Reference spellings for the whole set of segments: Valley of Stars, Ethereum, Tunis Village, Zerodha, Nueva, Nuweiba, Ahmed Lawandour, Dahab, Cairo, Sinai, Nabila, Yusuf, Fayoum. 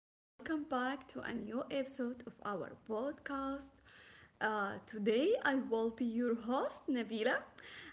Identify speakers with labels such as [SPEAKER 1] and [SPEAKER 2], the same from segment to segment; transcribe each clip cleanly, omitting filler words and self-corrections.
[SPEAKER 1] and welcome back to a new episode of our podcast. Today, I will be your host, Nabila,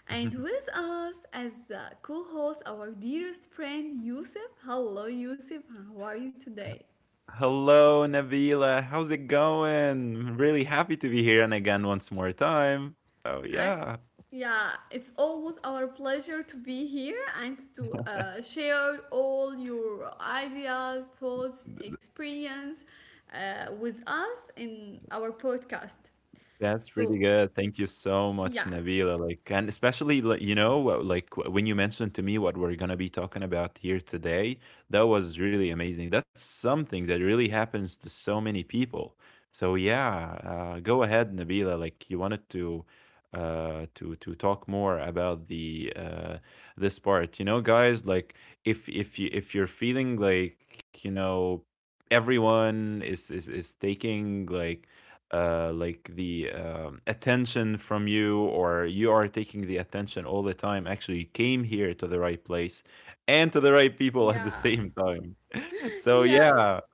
[SPEAKER 1] and with us as co host, our dearest friend, Yusuf. Hello, Yusuf, how are you today?
[SPEAKER 2] Hello, Nabila. How's it going? Really happy to be here and again once more time. So
[SPEAKER 1] I,
[SPEAKER 2] yeah.
[SPEAKER 1] yeah, it's always our pleasure to be here and to share all your ideas, thoughts, experience with us in our podcast.
[SPEAKER 2] That's pretty
[SPEAKER 1] So,
[SPEAKER 2] good. Thank you so much,
[SPEAKER 1] yeah,
[SPEAKER 2] Nabila. Like, and especially, like, like when you mentioned to me what we're gonna be talking about here today, that was really amazing. That's something that really happens to so many people. So yeah, go ahead, Nabila. Like, you wanted to, to talk more about the this part. You know, guys, like if you're feeling like everyone is taking like the attention from you or you are taking the attention all the time, actually you came here to the right place and to the right people at the
[SPEAKER 1] yeah,
[SPEAKER 2] same time so yeah.
[SPEAKER 1] yes,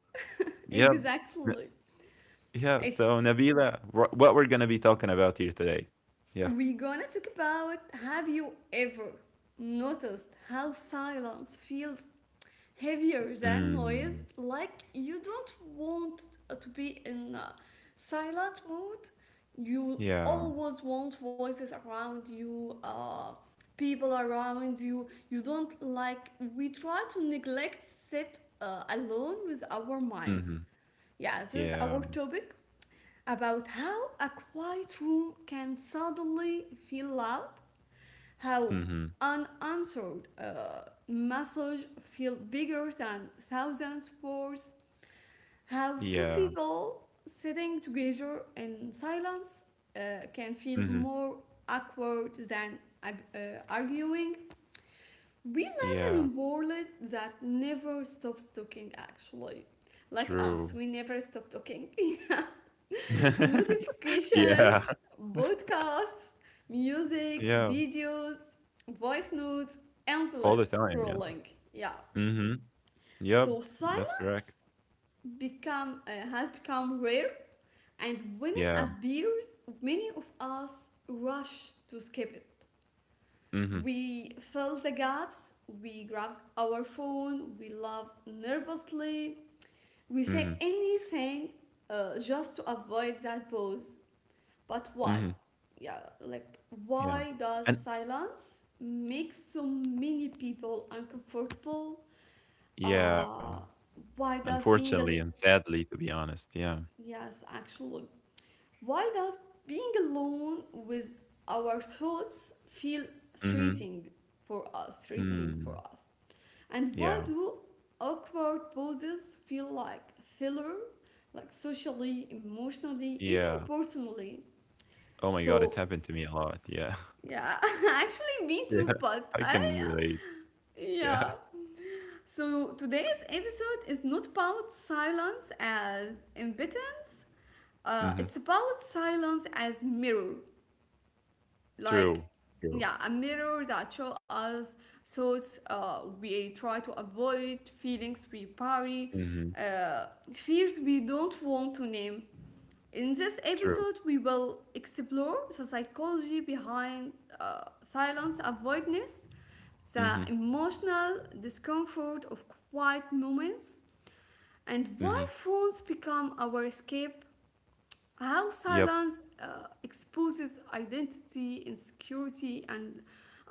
[SPEAKER 2] Yeah. n-
[SPEAKER 1] exactly.
[SPEAKER 2] yeah.
[SPEAKER 1] It's
[SPEAKER 2] So, Nabila, what we're gonna be talking about here today? Yeah.
[SPEAKER 1] We're gonna talk about have you ever noticed how silence feels heavier than
[SPEAKER 2] Mm.
[SPEAKER 1] noise? Like, you don't want to be in a silent mood, you
[SPEAKER 2] Yeah.
[SPEAKER 1] always want voices around you, people around you. You don't like, we try to neglect sit alone with our minds.
[SPEAKER 2] Hmm.
[SPEAKER 1] Yeah, this is our
[SPEAKER 2] Yeah.
[SPEAKER 1] topic about how a quiet room can suddenly feel loud, how
[SPEAKER 2] Hmm.
[SPEAKER 1] unanswered messages feel bigger than thousands of words, how two
[SPEAKER 2] Yeah.
[SPEAKER 1] people sitting together in silence can feel
[SPEAKER 2] Hmm.
[SPEAKER 1] more awkward than arguing. We live in
[SPEAKER 2] Yeah.
[SPEAKER 1] a world that never stops talking, actually. Like us,
[SPEAKER 2] True.
[SPEAKER 1] we never stop talking. Notifications,
[SPEAKER 2] Yeah.
[SPEAKER 1] podcasts, music,
[SPEAKER 2] Yeah,
[SPEAKER 1] videos, voice notes,
[SPEAKER 2] all the
[SPEAKER 1] endless
[SPEAKER 2] time. Yeah.
[SPEAKER 1] scrolling. Yeah.
[SPEAKER 2] Hmm. Yep.
[SPEAKER 1] So
[SPEAKER 2] That's
[SPEAKER 1] silence
[SPEAKER 2] correct.
[SPEAKER 1] become has become rare, and when it
[SPEAKER 2] Yeah.
[SPEAKER 1] appears, many of us rush to skip it.
[SPEAKER 2] Mhm.
[SPEAKER 1] We fill the gaps, we grab our phone, we laugh nervously, we say
[SPEAKER 2] Mhm.
[SPEAKER 1] anything just to avoid that pause. But why?
[SPEAKER 2] Mhm.
[SPEAKER 1] Yeah, like
[SPEAKER 2] Yeah.
[SPEAKER 1] why does
[SPEAKER 2] And
[SPEAKER 1] silence make so many people uncomfortable?
[SPEAKER 2] yeah,
[SPEAKER 1] Uh, why does being al-
[SPEAKER 2] unfortunately and sadly, to be honest. Yeah.
[SPEAKER 1] Yes, actually, why does being alone with our thoughts feel
[SPEAKER 2] Mhm.
[SPEAKER 1] threatening for us? Threatening for
[SPEAKER 2] Mm.
[SPEAKER 1] us, and why
[SPEAKER 2] Yeah.
[SPEAKER 1] do awkward pauses feel like filler, like socially, emotionally, even
[SPEAKER 2] Yeah.
[SPEAKER 1] personally?
[SPEAKER 2] Oh my God, it
[SPEAKER 1] So
[SPEAKER 2] happened to me a lot. Yeah.
[SPEAKER 1] Yeah, actually, me too,
[SPEAKER 2] Yeah.
[SPEAKER 1] but
[SPEAKER 2] I
[SPEAKER 1] I.
[SPEAKER 2] can relate. Yeah.
[SPEAKER 1] Yeah. So today's episode is not about silence as impotence,
[SPEAKER 2] Mhm.
[SPEAKER 1] it's about silence as mirror. Like,
[SPEAKER 2] True. True.
[SPEAKER 1] yeah, a mirror that shows us thoughts we try to avoid, feelings we bury,
[SPEAKER 2] Mhm.
[SPEAKER 1] uh, fears we don't want to name. In this
[SPEAKER 2] True.
[SPEAKER 1] episode, we will explore the psychology behind silence avoidance, the
[SPEAKER 2] Mhm.
[SPEAKER 1] emotional discomfort of quiet moments, and
[SPEAKER 2] Mhm.
[SPEAKER 1] why phones become our escape, how
[SPEAKER 2] Yep.
[SPEAKER 1] silence exposes identity, insecurity, and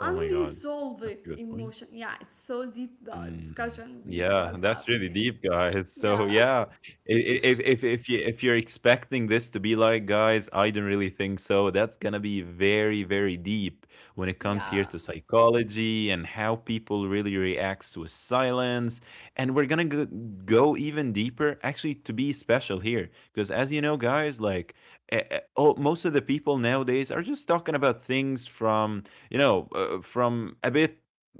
[SPEAKER 2] Oh my God. That's a good point.
[SPEAKER 1] emotion. Yeah, it's so deep
[SPEAKER 2] Mm,
[SPEAKER 1] discussion we
[SPEAKER 2] yeah,
[SPEAKER 1] will have.
[SPEAKER 2] that's really deep, guys. So
[SPEAKER 1] Yeah,
[SPEAKER 2] yeah, if you're expecting this to be like, guys, I don't really think so. That's gonna be very, very deep when it comes here
[SPEAKER 1] yeah,
[SPEAKER 2] to psychology and how people really reacts to silence. And we're gonna go even deeper, actually, to be special here, because as you know, guys, like, oh, most of the people nowadays are just talking about things from you know from a bit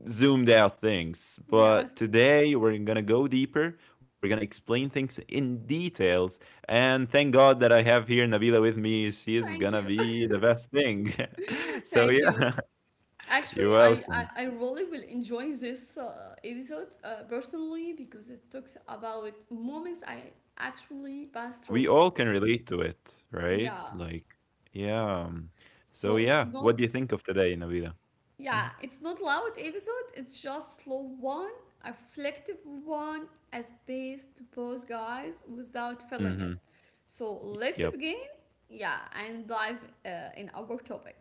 [SPEAKER 2] zoomed out things. But
[SPEAKER 1] yes.
[SPEAKER 2] today we're gonna go deeper. We're gonna explain things in details. And thank God that I have here Nabila with me. She is
[SPEAKER 1] Thank
[SPEAKER 2] gonna
[SPEAKER 1] you.
[SPEAKER 2] be the best thing. So
[SPEAKER 1] Thank you.
[SPEAKER 2] yeah. You're
[SPEAKER 1] Actually, I, I,
[SPEAKER 2] welcome.
[SPEAKER 1] I really will enjoy this episode personally because it talks about moments I actually passed through
[SPEAKER 2] We
[SPEAKER 1] it.
[SPEAKER 2] all can relate to it, right?
[SPEAKER 1] Yeah.
[SPEAKER 2] Like, yeah. So
[SPEAKER 1] So it's
[SPEAKER 2] yeah, what do you
[SPEAKER 1] not
[SPEAKER 2] think of today, Nabila?
[SPEAKER 1] Yeah, it's not loud episode, it's just slow one, a reflective one, a space to pause guys without feeling it.
[SPEAKER 2] Mm-hmm.
[SPEAKER 1] So let's
[SPEAKER 2] Yep.
[SPEAKER 1] begin, yeah, and dive in our topic.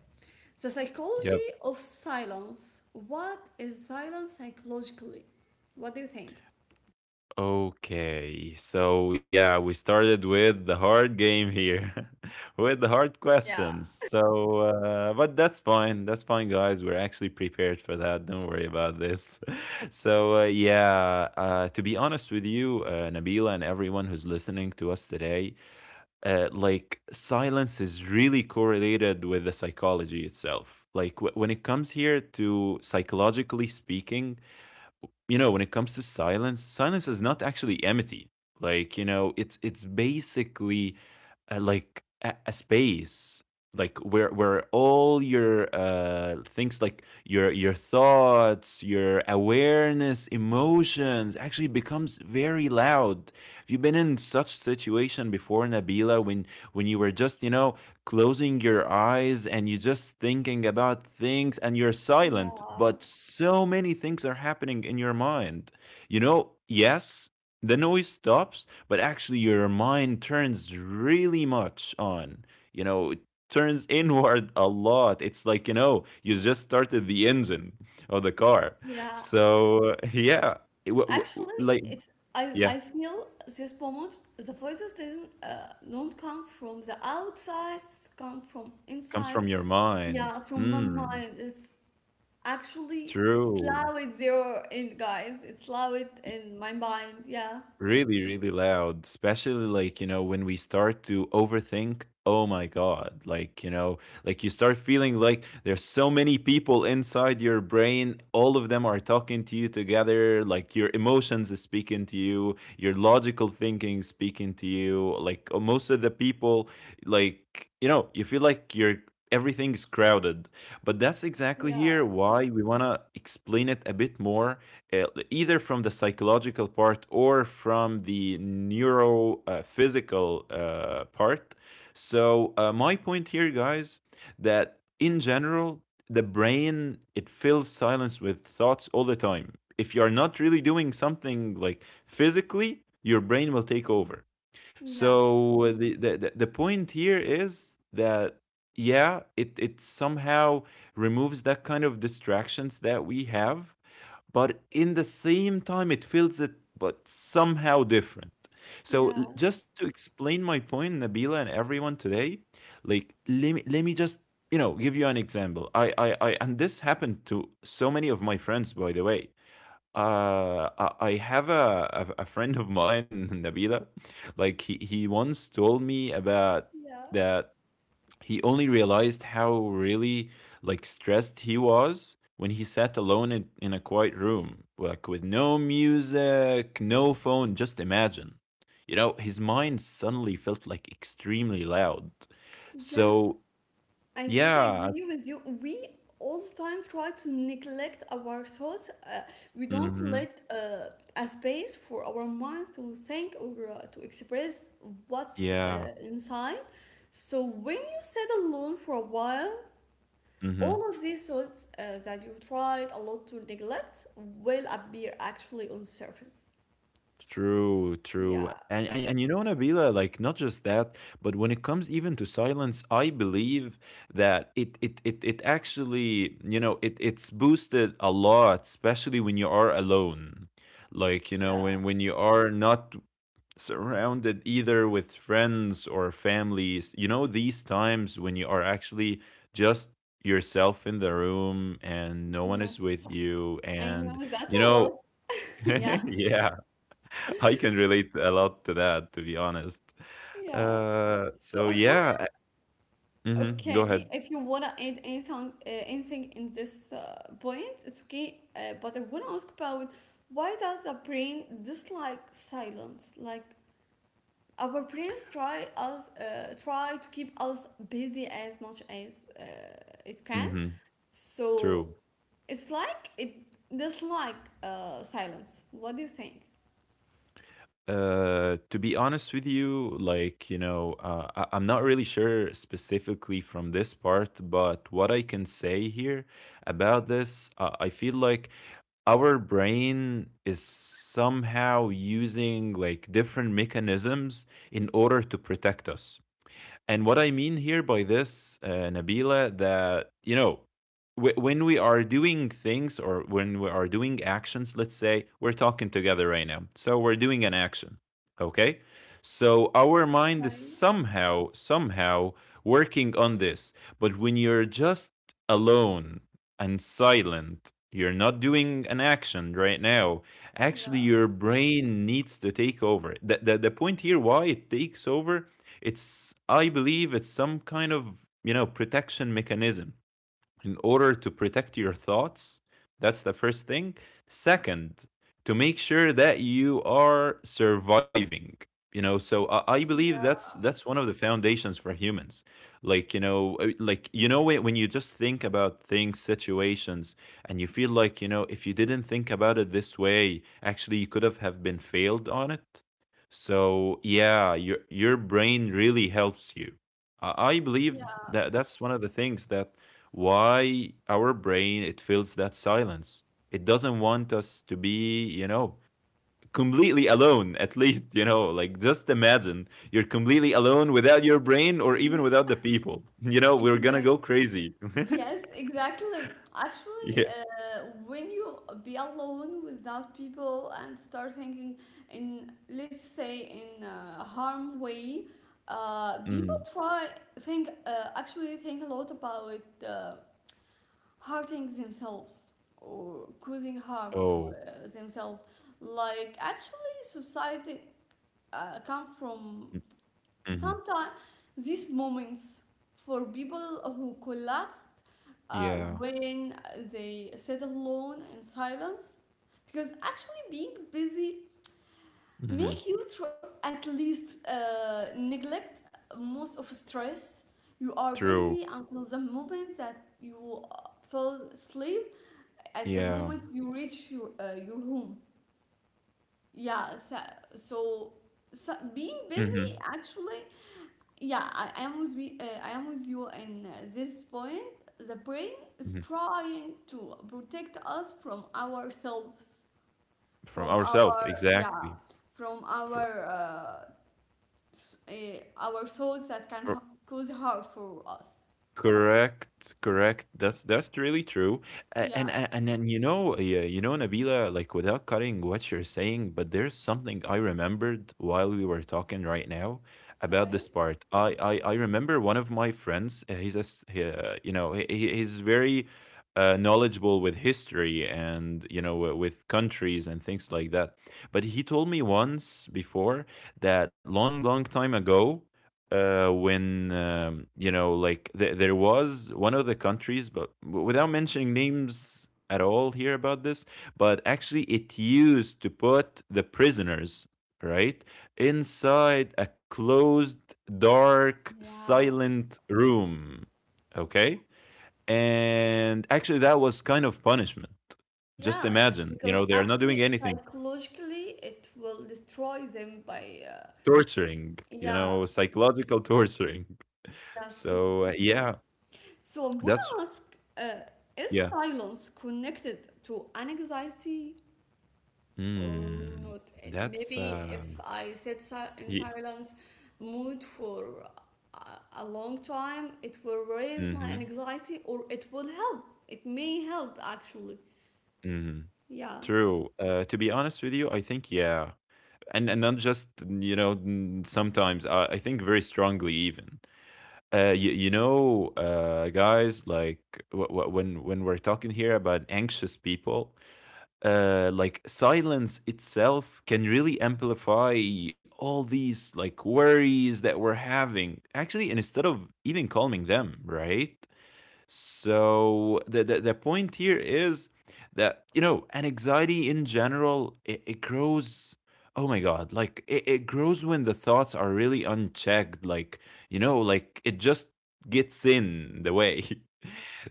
[SPEAKER 1] The
[SPEAKER 2] Yep.
[SPEAKER 1] psychology of silence. What is silence psychologically? What do you think?
[SPEAKER 2] Okay, so yeah, we started with the hard game here, with the hard
[SPEAKER 1] Yeah,
[SPEAKER 2] questions. So, but that's fine. That's fine, guys. We're actually prepared for that. Don't worry about this. So, yeah, to be honest with you, Nabila and everyone who's listening to us today, like silence is really correlated with the psychology itself. Like when it comes here to psychologically speaking, you know, when it comes to silence, silence is not actually empty. Like, you know, it's basically like a space, like where all your things, like your thoughts, your awareness, emotions actually becomes very loud. Have you been in such situation before, Nabila, when you were just, you know, closing your eyes and you just thinking about things and you're silent,
[SPEAKER 1] yeah,
[SPEAKER 2] but so many things are happening in your mind? You know, yes, the noise stops, but actually your mind turns really much on. You know, it turns inward a lot. It's like, you know, you just started the engine of the car.
[SPEAKER 1] yeah.
[SPEAKER 2] So yeah. it, w- w-
[SPEAKER 1] Actually,
[SPEAKER 2] like,
[SPEAKER 1] it's
[SPEAKER 2] yeah,
[SPEAKER 1] I feel this moment the voices didn't don't come from the outside, come from
[SPEAKER 2] comes
[SPEAKER 1] inside.
[SPEAKER 2] from your
[SPEAKER 1] Yeah,
[SPEAKER 2] mind.
[SPEAKER 1] from my
[SPEAKER 2] Mm.
[SPEAKER 1] mind. It's actually it's
[SPEAKER 2] True.
[SPEAKER 1] loud there and guys. It's loud in my mind. Yeah.
[SPEAKER 2] Really, really loud, especially like, you know, when we start to overthink. Oh my God. Like, like you start feeling like there's so many people inside your brain. All of them are talking to you together. Like your emotions is speaking to you, your logical thinking is speaking to you. Like most of the people, like, you feel like you're. Everything's crowded, but that's exactly
[SPEAKER 1] Yeah.
[SPEAKER 2] here why we want to explain it a bit more, either from the psychological part or from the neurophysical part. So my point here, guys, that in general, the brain it fills silence with thoughts all the time. If you are not really doing something like physically, your brain will take over.
[SPEAKER 1] Yes.
[SPEAKER 2] So the point here is that yeah, it somehow removes that kind of distractions that we have, but in the same time it feels it but somehow different. So
[SPEAKER 1] Yeah.
[SPEAKER 2] just to explain my point, Nabila and everyone today, like let me just, you know, give you an example. I and this happened to so many of my friends, by the way. I have a friend of mine Nabila. Like, he once told me about
[SPEAKER 1] Yeah.
[SPEAKER 2] the he only realized how really like stressed he was when he sat alone in a quiet room, like with no music, no phone. Just imagine, you know, his mind suddenly felt like extremely loud.
[SPEAKER 1] Yes.
[SPEAKER 2] So
[SPEAKER 1] I totally
[SPEAKER 2] yeah.
[SPEAKER 1] agree with you. We all the time try to neglect our thoughts. We don't
[SPEAKER 2] Mhm.
[SPEAKER 1] let a space for our mind to think or to express what's
[SPEAKER 2] Yeah.
[SPEAKER 1] inside. So when you sit alone for a while,
[SPEAKER 2] Mhm.
[SPEAKER 1] all of these thoughts that you tried a lot to neglect will appear actually on the surface.
[SPEAKER 2] True, true.
[SPEAKER 1] Yeah,
[SPEAKER 2] And you know, Nabila, like not just that, but when it comes even to silence, I believe that it actually, you know, it's boosted a lot, especially when you are alone. Like, you know,
[SPEAKER 1] yeah,
[SPEAKER 2] when you are not surrounded either with friends or families, you know, these times when you are actually just yourself in the room and no one is with
[SPEAKER 1] yes,
[SPEAKER 2] you
[SPEAKER 1] I
[SPEAKER 2] and
[SPEAKER 1] know that
[SPEAKER 2] you
[SPEAKER 1] a
[SPEAKER 2] know
[SPEAKER 1] lot. Yeah,
[SPEAKER 2] yeah I can relate a lot to that, to be honest.
[SPEAKER 1] yeah. So I
[SPEAKER 2] So
[SPEAKER 1] want
[SPEAKER 2] yeah, mm-hmm, go
[SPEAKER 1] Okay,
[SPEAKER 2] ahead.
[SPEAKER 1] if you wanna add anything, anything in this point, it's okay. But I wanna ask about why does the brain dislike silence? Like, our brains try us, try to keep us busy as much as it can.
[SPEAKER 2] Mm-hmm,
[SPEAKER 1] So
[SPEAKER 2] true.
[SPEAKER 1] it's like it dislike silence. What do you think?
[SPEAKER 2] To be honest with you, like, you know, I'm not really sure specifically from this part, but what I can say here about this, I feel like our brain is somehow using like different mechanisms in order to protect us. And what I mean here by this, Nabila, that, you know, when we are doing things or when we are doing actions, let's say we're talking together right now. So we're doing an action, okay? So our mind is
[SPEAKER 1] Okay.
[SPEAKER 2] somehow working on this. But when you're just alone and silent, you're not doing an action right now. Actually,
[SPEAKER 1] Yeah.
[SPEAKER 2] your brain needs to take over. The point here, why it takes over, it's I believe it's some kind of, you know, protection mechanism in order to protect your thoughts. That's the first thing. Second, to make sure that you are surviving. You know, so I believe
[SPEAKER 1] Yeah.
[SPEAKER 2] that's one of the foundations for humans. Like, you know, like you know, when you just think about things, situations, and you feel like, you know, if you didn't think about it this way, actually, you could have been failed on it. So yeah, your brain really helps you. I believe that that's one of the things that why our brain it feels that silence it doesn't want us to be, you know, completely alone, at least, you know, like just imagine you're completely alone without your brain or even
[SPEAKER 1] Yeah.
[SPEAKER 2] without the people you know we're gonna
[SPEAKER 1] Exactly.
[SPEAKER 2] go crazy
[SPEAKER 1] Yes, exactly. Actually,
[SPEAKER 2] yeah.
[SPEAKER 1] when you be alone without people and start thinking in, let's say, in a harm way, people
[SPEAKER 2] Mhm.
[SPEAKER 1] try think actually think a lot about hurting themselves or causing harm to
[SPEAKER 2] Oh.
[SPEAKER 1] themselves. Like actually, society come from
[SPEAKER 2] Mm-hmm.
[SPEAKER 1] sometimes these moments for people who collapsed
[SPEAKER 2] Yeah.
[SPEAKER 1] when they sit alone in silence, because actually being busy
[SPEAKER 2] Hmm.
[SPEAKER 1] make you at least neglect most of stress. You are
[SPEAKER 2] True.
[SPEAKER 1] busy until the moment that you fall asleep, at the
[SPEAKER 2] Yeah.
[SPEAKER 1] moment you reach your home. Yeah. So, so, so being
[SPEAKER 2] Hmm.
[SPEAKER 1] busy actually, yeah, I am with you in this point. The brain is
[SPEAKER 2] Hmm.
[SPEAKER 1] trying to protect us from ourselves,
[SPEAKER 2] From
[SPEAKER 1] from
[SPEAKER 2] ourselves,
[SPEAKER 1] our yeah,
[SPEAKER 2] exactly.
[SPEAKER 1] from
[SPEAKER 2] Fr-
[SPEAKER 1] our uh, our thoughts that can cause harm for us.
[SPEAKER 2] Correct, correct. That's really true. And
[SPEAKER 1] Yeah,
[SPEAKER 2] and and then, you know, yeah, you know, Nabila, like without cutting what you're saying, but there's something I remembered while we were talking right now about
[SPEAKER 1] okay.
[SPEAKER 2] this part. I remember one of my friends. He's a he, you know he's very knowledgeable with history and, you know, with countries and things like that. But he told me once before that long, long time ago, when you know, like there was one of the countries, but without mentioning names at all here about this, but actually it used to put the prisoners right inside a closed, dark,
[SPEAKER 1] Yeah.
[SPEAKER 2] silent room. Okay, and actually that was kind of punishment. Just
[SPEAKER 1] Yeah,
[SPEAKER 2] imagine,
[SPEAKER 1] because
[SPEAKER 2] they are not doing
[SPEAKER 1] actually
[SPEAKER 2] anything,
[SPEAKER 1] psychologically it will destroy them by
[SPEAKER 2] torturing,
[SPEAKER 1] yeah,
[SPEAKER 2] psychological torturing.
[SPEAKER 1] yes,
[SPEAKER 2] So
[SPEAKER 1] exactly.
[SPEAKER 2] yeah,
[SPEAKER 1] So I'm gonna
[SPEAKER 2] that's
[SPEAKER 1] ask, uh, is
[SPEAKER 2] yeah.
[SPEAKER 1] silence connected to anxiety or
[SPEAKER 2] Mm,
[SPEAKER 1] not?
[SPEAKER 2] that's
[SPEAKER 1] Maybe if I in
[SPEAKER 2] yeah.
[SPEAKER 1] silence mood for a, a long time, it will raise my
[SPEAKER 2] Mhm,
[SPEAKER 1] anxiety or it will help. It may help actually.
[SPEAKER 2] mhm.
[SPEAKER 1] Yeah.
[SPEAKER 2] True. To be honest with you, I think yeah, and not just, you know, sometimes I think very strongly even. You know, guys, like when we're talking here about anxious people, like silence itself can really amplify all these like worries that we're having. Actually, and instead of even calming them, right? So the point here is that, you know, an anxiety in general, it grows. Oh my God. Like it grows when the thoughts are really unchecked. Like, like it just gets in the way.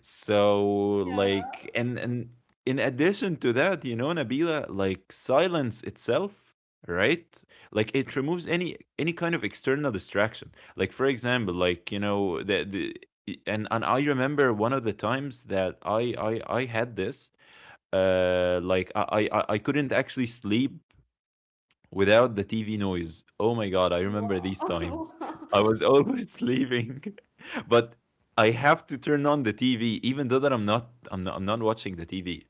[SPEAKER 2] so
[SPEAKER 1] Yeah.
[SPEAKER 2] like and and in addition to that, you know, Nabila, like silence itself, right? Like it removes any kind of external distraction. Like, for example, like, you know, the and I remember one of the times that I had this, like I couldn't actually sleep without the TV noise. Oh my god, I remember these
[SPEAKER 1] Wow.
[SPEAKER 2] times. I was always sleeping, but I have to turn on the TV even though that I'm not watching the TV.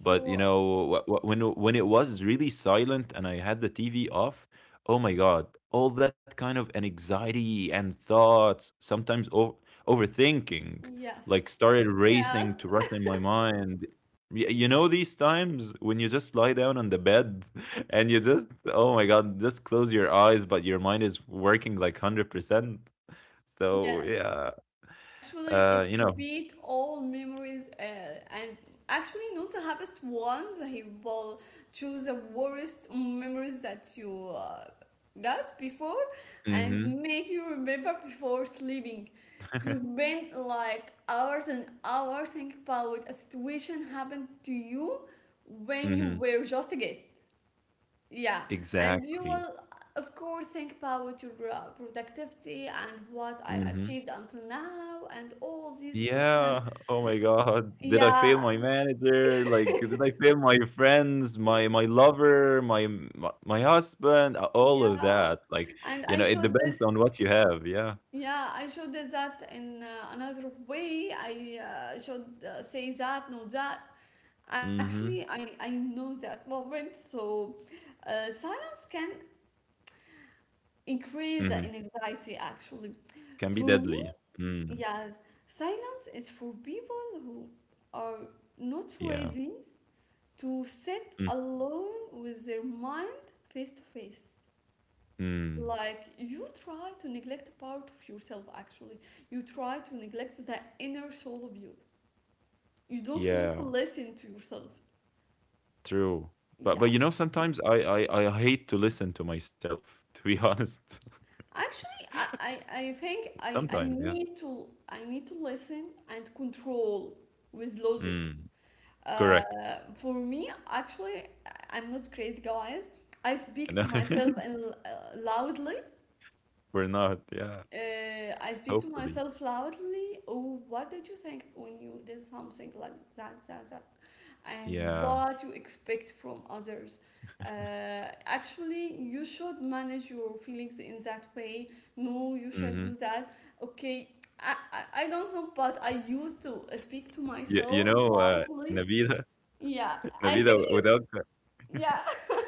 [SPEAKER 2] But you know, when it was really silent and I had the TV off, oh my god, all that kind of an anxiety and thoughts, sometimes overthinking,
[SPEAKER 1] yes.
[SPEAKER 2] like started
[SPEAKER 1] Yes.
[SPEAKER 2] racing to rush in my mind. You know these times when you just lie down on the bed and you just oh my god, just close your eyes, but your mind is working like 100%. So
[SPEAKER 1] Yeah.
[SPEAKER 2] yeah,
[SPEAKER 1] Actually, it
[SPEAKER 2] you know.
[SPEAKER 1] repeat all memories and actually not the happiest ones. He will choose the worst memories that you got before and
[SPEAKER 2] Mm-hmm.
[SPEAKER 1] make you remember before sleeping. To spend like hours and hours think about a situation happened to you when you
[SPEAKER 2] Mm-hmm.
[SPEAKER 1] were just a kid. Yeah, and you
[SPEAKER 2] Exactly.
[SPEAKER 1] will, of course, think about your productivity and what I
[SPEAKER 2] Mm-hmm.
[SPEAKER 1] achieved until now, and all these questions.
[SPEAKER 2] Yeah. Oh my God. Did I fail
[SPEAKER 1] Yeah,
[SPEAKER 2] my manager? Like, did I fail my friends, my lover, my husband? All of
[SPEAKER 1] yeah,
[SPEAKER 2] that. Like,
[SPEAKER 1] and
[SPEAKER 2] you
[SPEAKER 1] I
[SPEAKER 2] know, it
[SPEAKER 1] showed that.
[SPEAKER 2] depends on what you have. Yeah.
[SPEAKER 1] Yeah, I showed that that in another way. I should say that, no that. Actually,
[SPEAKER 2] Mm-hmm.
[SPEAKER 1] I know that moment. So, silence can increase
[SPEAKER 2] Mm-hmm.
[SPEAKER 1] the anxiety. Actually,
[SPEAKER 2] Can be
[SPEAKER 1] for me,
[SPEAKER 2] deadly. Mm.
[SPEAKER 1] yes, silence is for people who are not
[SPEAKER 2] Yeah.
[SPEAKER 1] ready to sit alone with their mind face to face.
[SPEAKER 2] Mm.
[SPEAKER 1] Like you try to neglect a part of yourself, actually. You try to neglect the inner soul of you. You don't want to
[SPEAKER 2] Yeah.
[SPEAKER 1] listen to yourself.
[SPEAKER 2] True. But
[SPEAKER 1] Yeah.
[SPEAKER 2] but you know, sometimes I hate to listen to myself. To be honest,
[SPEAKER 1] Actually, I think I
[SPEAKER 2] sometimes. Yeah.
[SPEAKER 1] need to I need to listen and control with logic.
[SPEAKER 2] Mm.
[SPEAKER 1] Uh,
[SPEAKER 2] Correct.
[SPEAKER 1] for me, actually, I am not crazy, guys. I speak to
[SPEAKER 2] And
[SPEAKER 1] myself and loudly.
[SPEAKER 2] we're not. Yeah.
[SPEAKER 1] I speak to
[SPEAKER 2] Hopefully.
[SPEAKER 1] myself loudly. Oh, what did you think when you did something like that, that, that? And
[SPEAKER 2] Yeah.
[SPEAKER 1] what you expect from others. Actually, you should manage your feelings in that way. No, you should
[SPEAKER 2] Mhm.
[SPEAKER 1] do that. Okay, I don't know, but I used to speak to
[SPEAKER 2] You
[SPEAKER 1] myself
[SPEAKER 2] know,
[SPEAKER 1] loudly.
[SPEAKER 2] Nabila
[SPEAKER 1] Yeah, I
[SPEAKER 2] Nabila,
[SPEAKER 1] think you,
[SPEAKER 2] without cu-
[SPEAKER 1] yeah,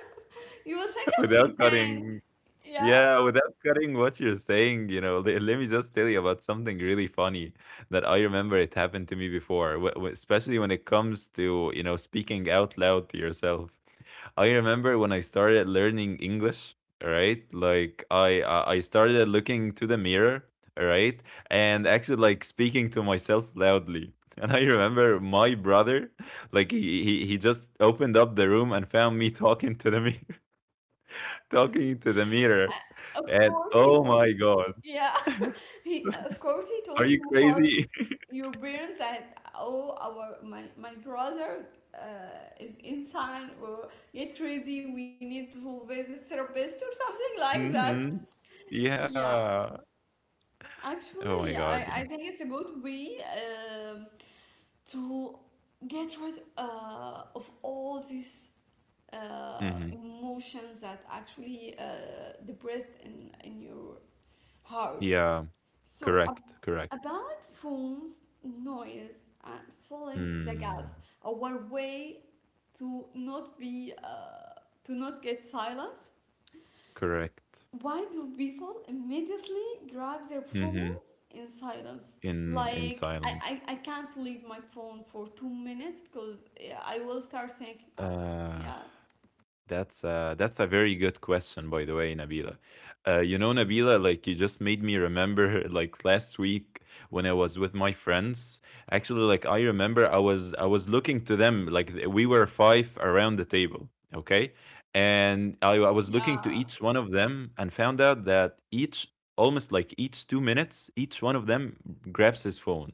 [SPEAKER 1] you will think I'm
[SPEAKER 2] without
[SPEAKER 1] insane.
[SPEAKER 2] cutting,
[SPEAKER 1] Yeah,
[SPEAKER 2] yeah, without cutting what you're saying, you know, le let me just tell you about something really funny that I remember it happened to me before, w w especially when it comes to, you know, speaking out loud to yourself. I remember when I started learning English, right? Like I started looking to the mirror, right? And actually like speaking to myself loudly. And I remember my brother, like he just opened up the room and found me talking to the mirror, talking to the mirror.
[SPEAKER 1] of
[SPEAKER 2] And
[SPEAKER 1] course he
[SPEAKER 2] oh
[SPEAKER 1] told.
[SPEAKER 2] my god,
[SPEAKER 1] Yeah, he of course he
[SPEAKER 2] are
[SPEAKER 1] told
[SPEAKER 2] you
[SPEAKER 1] you about
[SPEAKER 2] crazy?
[SPEAKER 1] your parents that, oh, our my brother is insane or get crazy. We need to visit therapist or something like that.
[SPEAKER 2] Mhm.
[SPEAKER 1] Yeah,
[SPEAKER 2] Yeah. Oh my
[SPEAKER 1] actually, I
[SPEAKER 2] god, yeah.
[SPEAKER 1] I think it's a good way to get rid of all these
[SPEAKER 2] Mhm.
[SPEAKER 1] emotions that actually depressed in your heart.
[SPEAKER 2] Yeah,
[SPEAKER 1] So,
[SPEAKER 2] correct, correct.
[SPEAKER 1] about phones, noise, and filling the gaps,
[SPEAKER 2] Mm,
[SPEAKER 1] our way to not be to not get silence.
[SPEAKER 2] correct.
[SPEAKER 1] Why do people immediately grab their
[SPEAKER 2] Mhm.
[SPEAKER 1] phones in silence?
[SPEAKER 2] In
[SPEAKER 1] Like, I,
[SPEAKER 2] silence?
[SPEAKER 1] I, I can't leave my phone for 2 minutes because, yeah, I will start thinking, oh,
[SPEAKER 2] Uh,
[SPEAKER 1] yeah,
[SPEAKER 2] that's a very good question, by the way, Nabila. You know, Nabila, like you just made me remember, like last week when I was with my friends. Actually, like I remember, I was looking to them, like we were five around the table, okay, and I was looking to
[SPEAKER 1] yeah,
[SPEAKER 2] each one of them and found out that each, almost like each 2 minutes, each one of them grabs his phone.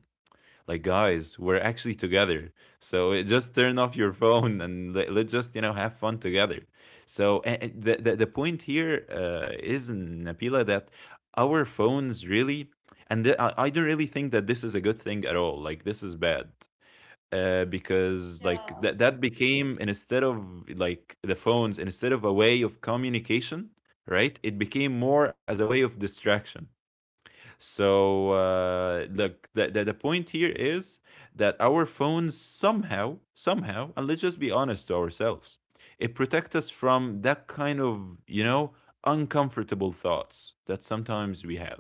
[SPEAKER 2] Like, guys, we're actually together, so just turn off your phone and let's just, you know, have fun together. So the point here, is napila that our phones really, and I don't really think that this is a good thing at all. Like, this is bad, because like
[SPEAKER 1] yeah.
[SPEAKER 2] that became instead of, like, the phones, instead of a way of communication, right, it became more as a way of distraction. So, look, the point here is that our phones, somehow, somehow, and let's just be honest to ourselves, it protects us from that kind of, uncomfortable thoughts that sometimes we have.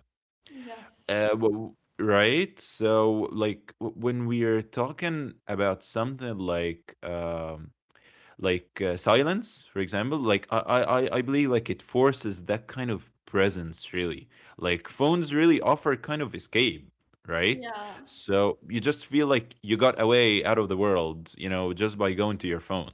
[SPEAKER 1] Yes.
[SPEAKER 2] Right. So like, when we are talking about something like, like, silence, for example, like, I believe like it forces that kind of presence really, like phones really offer kind of escape, right?
[SPEAKER 1] Yeah.
[SPEAKER 2] So you just feel like you got away out of the world, you know, just by going to your phone.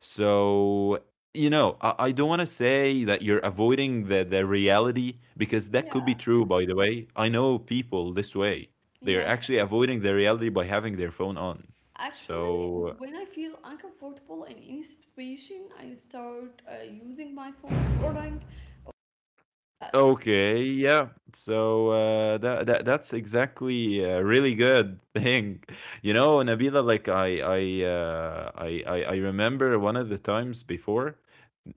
[SPEAKER 2] So, you know, I don't want to say that you're avoiding the reality, because that could be
[SPEAKER 1] Yeah.
[SPEAKER 2] true. By the way, I know people this way. They're
[SPEAKER 1] Yes.
[SPEAKER 2] actually avoiding the reality by having their phone on,
[SPEAKER 1] Actually,
[SPEAKER 2] so.
[SPEAKER 1] when I feel uncomfortable in any situation, I start using my phone, scrolling, or like that.
[SPEAKER 2] Okay, yeah. So that's exactly a really good thing, you know, Nabila. Like I remember one of the times before,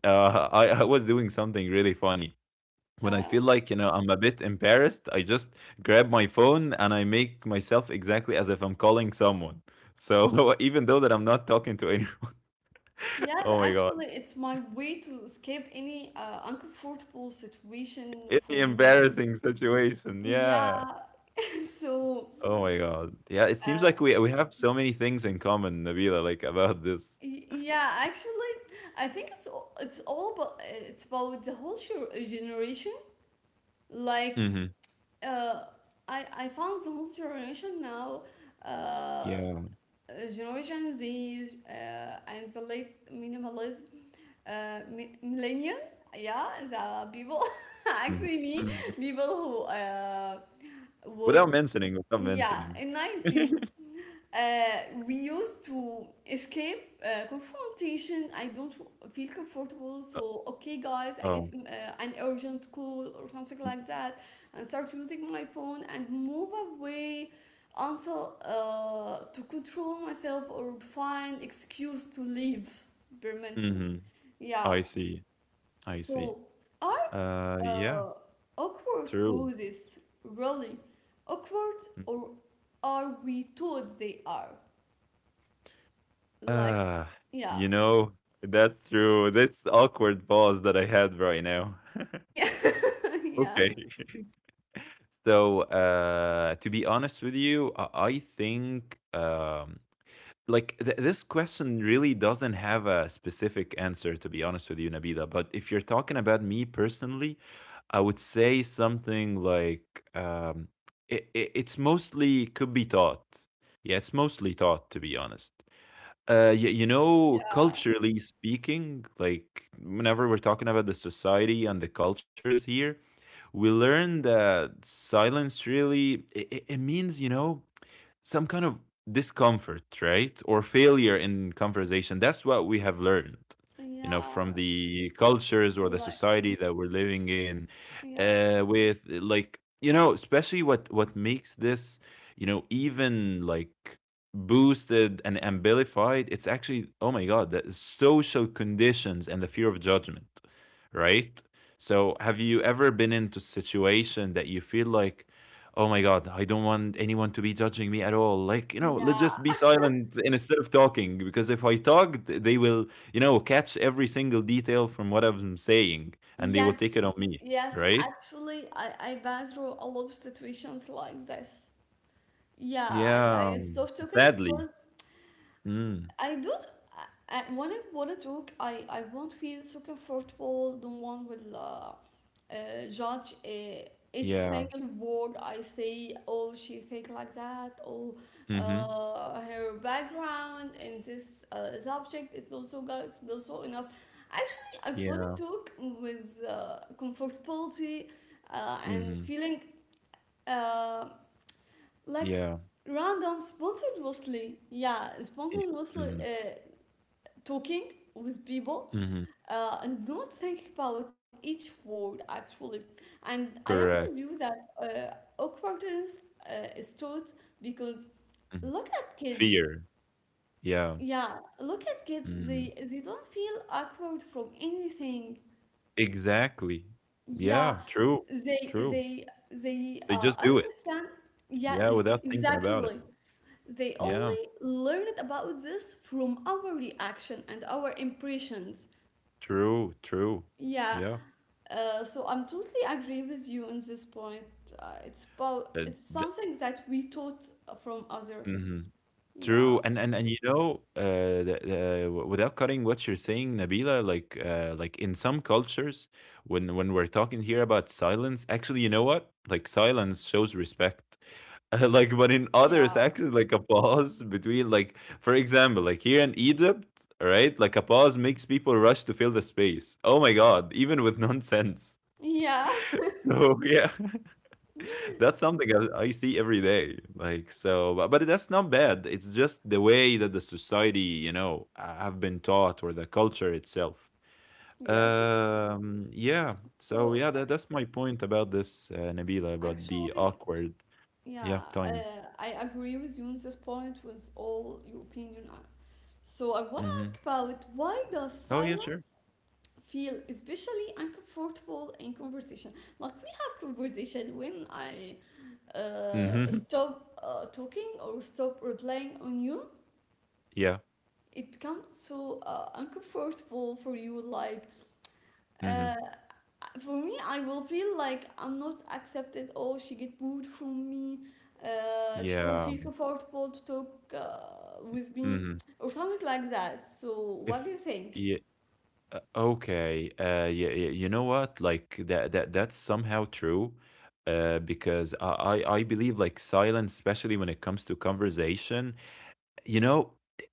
[SPEAKER 2] I was doing something really funny. When I
[SPEAKER 1] Yeah.
[SPEAKER 2] feel like, you know, I'm a bit embarrassed, I just grab my phone and I make myself exactly as if I'm calling someone. So even though that I'm not talking to anyone,
[SPEAKER 1] Yes,
[SPEAKER 2] oh my god,
[SPEAKER 1] actually, it's my way to escape any uncomfortable situation
[SPEAKER 2] any
[SPEAKER 1] for me.
[SPEAKER 2] embarrassing situation,
[SPEAKER 1] Yeah.
[SPEAKER 2] yeah.
[SPEAKER 1] So,
[SPEAKER 2] Oh my god. Yeah, it seems
[SPEAKER 1] uh,
[SPEAKER 2] like we have so many things in common, Nabila, like about this.
[SPEAKER 1] yeah, actually, I think it's all about, it's about the whole generation. Like,
[SPEAKER 2] Hmm.
[SPEAKER 1] uh, I found the whole generation now, uh, uh,
[SPEAKER 2] Yeah.
[SPEAKER 1] Generation Z and the late minimalism, millennium, yeah, the people,
[SPEAKER 2] Hmm.
[SPEAKER 1] actually
[SPEAKER 2] Hmm.
[SPEAKER 1] me, people who
[SPEAKER 2] Without
[SPEAKER 1] was,
[SPEAKER 2] mentioning, without
[SPEAKER 1] yeah,
[SPEAKER 2] mentioning.
[SPEAKER 1] in 19 we used to escape confrontation. I don't feel comfortable,
[SPEAKER 2] Uh,
[SPEAKER 1] so okay, guys, I get
[SPEAKER 2] oh.
[SPEAKER 1] an urgent call or something like that, and start using my phone and move away until to control myself or find excuse to leave. Very mental,
[SPEAKER 2] Mm-hmm. Oh,
[SPEAKER 1] yeah.
[SPEAKER 2] I see. I see.
[SPEAKER 1] So, are
[SPEAKER 2] Yeah,
[SPEAKER 1] uh, awkward
[SPEAKER 2] true.
[SPEAKER 1] poses really awkward or are we told they are? Like,
[SPEAKER 2] Uh
[SPEAKER 1] yeah.
[SPEAKER 2] you know, that's true. That's awkward pause that I had right now.
[SPEAKER 1] Yeah, yeah,
[SPEAKER 2] Okay. So, to be honest with you, I think, like this question really doesn't have a specific answer, to be honest with you, nabila. But if you're talking about me personally, I would say something like, it's mostly could be taught. Yeah, it's mostly taught, to be honest.
[SPEAKER 1] yeah,
[SPEAKER 2] Culturally speaking, like whenever we're talking about the society and the cultures here, we learn that silence really, it means, some kind of discomfort, right? Or failure in conversation. That's what we have learned,
[SPEAKER 1] yeah.
[SPEAKER 2] from the cultures or the
[SPEAKER 1] Like,
[SPEAKER 2] society that we're living in.
[SPEAKER 1] yeah,
[SPEAKER 2] With, like, especially what makes this, even like boosted and amplified. It's actually, oh my god, the social conditions and the fear of judgment, right? So, have you ever been into a situation that you feel like, oh my god, I don't want anyone to be judging me at all. Like, you know, let's
[SPEAKER 1] yeah.
[SPEAKER 2] just be silent instead of talking, because if I talk, they will, catch every single detail from what I'm saying and they will
[SPEAKER 1] Yes,
[SPEAKER 2] take it on me,
[SPEAKER 1] yes,
[SPEAKER 2] right?
[SPEAKER 1] actually, I passed through a lot of situations like this, yeah.
[SPEAKER 2] Yeah,
[SPEAKER 1] I stopped talking
[SPEAKER 2] sadly.
[SPEAKER 1] because
[SPEAKER 2] Mm,
[SPEAKER 1] I don't. When I want to talk, I won't feel so comfortable. No one will judge each
[SPEAKER 2] yeah.
[SPEAKER 1] single word I say. Oh, she think like that. Oh,
[SPEAKER 2] Mm-hmm.
[SPEAKER 1] her background in this subject is not so good. It's not so enough. Actually, I want
[SPEAKER 2] Yeah.
[SPEAKER 1] to talk with comfortability and
[SPEAKER 2] Mm-hmm.
[SPEAKER 1] feeling uh, like,
[SPEAKER 2] Yeah.
[SPEAKER 1] random, spontaneously. Yeah,
[SPEAKER 2] Yeah.
[SPEAKER 1] spontaneously.
[SPEAKER 2] Mm-hmm.
[SPEAKER 1] Talking with people
[SPEAKER 2] Mm-hmm.
[SPEAKER 1] and not think about each word actually. And I am
[SPEAKER 2] Correct.
[SPEAKER 1] with you that awkwardness is taught, because
[SPEAKER 2] Hmm.
[SPEAKER 1] look at kids,
[SPEAKER 2] Fear. Yeah.
[SPEAKER 1] yeah, look at kids, they
[SPEAKER 2] Mm.
[SPEAKER 1] they don't feel awkward from anything.
[SPEAKER 2] Exactly.
[SPEAKER 1] Yeah,
[SPEAKER 2] Yeah. True.
[SPEAKER 1] they
[SPEAKER 2] True.
[SPEAKER 1] they they
[SPEAKER 2] They
[SPEAKER 1] uh,
[SPEAKER 2] just do it.
[SPEAKER 1] understand, yeah,
[SPEAKER 2] Yeah, without thinking about it.
[SPEAKER 1] exactly. They
[SPEAKER 2] Yeah.
[SPEAKER 1] only learned about this from our reaction and our impressions,
[SPEAKER 2] True, true.
[SPEAKER 1] yeah.
[SPEAKER 2] Yeah.
[SPEAKER 1] So I'm totally agree with you on this point. It's about
[SPEAKER 2] Uh,
[SPEAKER 1] it's
[SPEAKER 2] th-
[SPEAKER 1] something that we taught from other.
[SPEAKER 2] mhm.
[SPEAKER 1] Yeah,
[SPEAKER 2] True, and without cutting what you're saying, Nabila, like, like in some cultures, when we're talking here about silence, actually, you know what? Like silence shows respect. Like, but in
[SPEAKER 1] yeah,
[SPEAKER 2] others, actually, like a pause between, like, for example, like here in Egypt, right? Like a pause makes people rush to fill the space. Oh my God, even with nonsense.
[SPEAKER 1] yeah.
[SPEAKER 2] So yeah, that's something I see every day. Like so, but that's not bad. It's just the way that the society, have been taught, or the culture itself.
[SPEAKER 1] Yes.
[SPEAKER 2] Yeah. So
[SPEAKER 1] So
[SPEAKER 2] yeah,
[SPEAKER 1] I-
[SPEAKER 2] that's my point about this, Nabila, about the
[SPEAKER 1] actually,
[SPEAKER 2] awkward, yeah,
[SPEAKER 1] yeah,
[SPEAKER 2] time.
[SPEAKER 1] I agree with you on this point with all your opinion. So I want to
[SPEAKER 2] Mm-hmm.
[SPEAKER 1] ask about, why does
[SPEAKER 2] Oh yeah, sure.
[SPEAKER 1] silence feel especially uncomfortable in conversation? Like we have conversation when I
[SPEAKER 2] Mm-hmm.
[SPEAKER 1] stop talking or stop replying on you.
[SPEAKER 2] Yeah.
[SPEAKER 1] It becomes so uncomfortable for you, like, uh,
[SPEAKER 2] Mm-hmm.
[SPEAKER 1] for me, I will feel like I'm not accepted. Oh, she get booed from me. She don't
[SPEAKER 2] Yeah.
[SPEAKER 1] feel comfortable to talk with me
[SPEAKER 2] Mm-hmm.
[SPEAKER 1] or something like that. So
[SPEAKER 2] If
[SPEAKER 1] what do you think?
[SPEAKER 2] Yeah, okay, you know what? Like that's somehow true, because I believe like silence, especially when it comes to conversation, you know,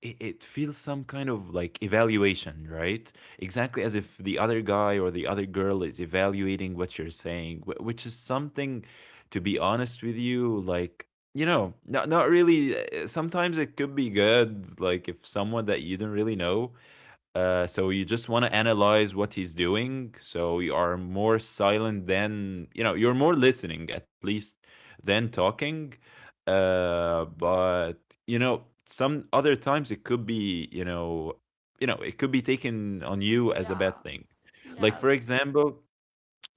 [SPEAKER 2] it feels some kind of like evaluation, right? Exactly as if the other guy or the other girl is evaluating what you're saying, which is something, to be honest with you, like. You know, not really. Sometimes it could be good, like if someone that you don't really know, so you just want to analyze what he's doing. So you are more silent than you know. You're more listening, at least, than talking. But you know, some other times it could be, it could be taken on you as a
[SPEAKER 1] Yeah,
[SPEAKER 2] bad thing. Like
[SPEAKER 1] yes.
[SPEAKER 2] for example,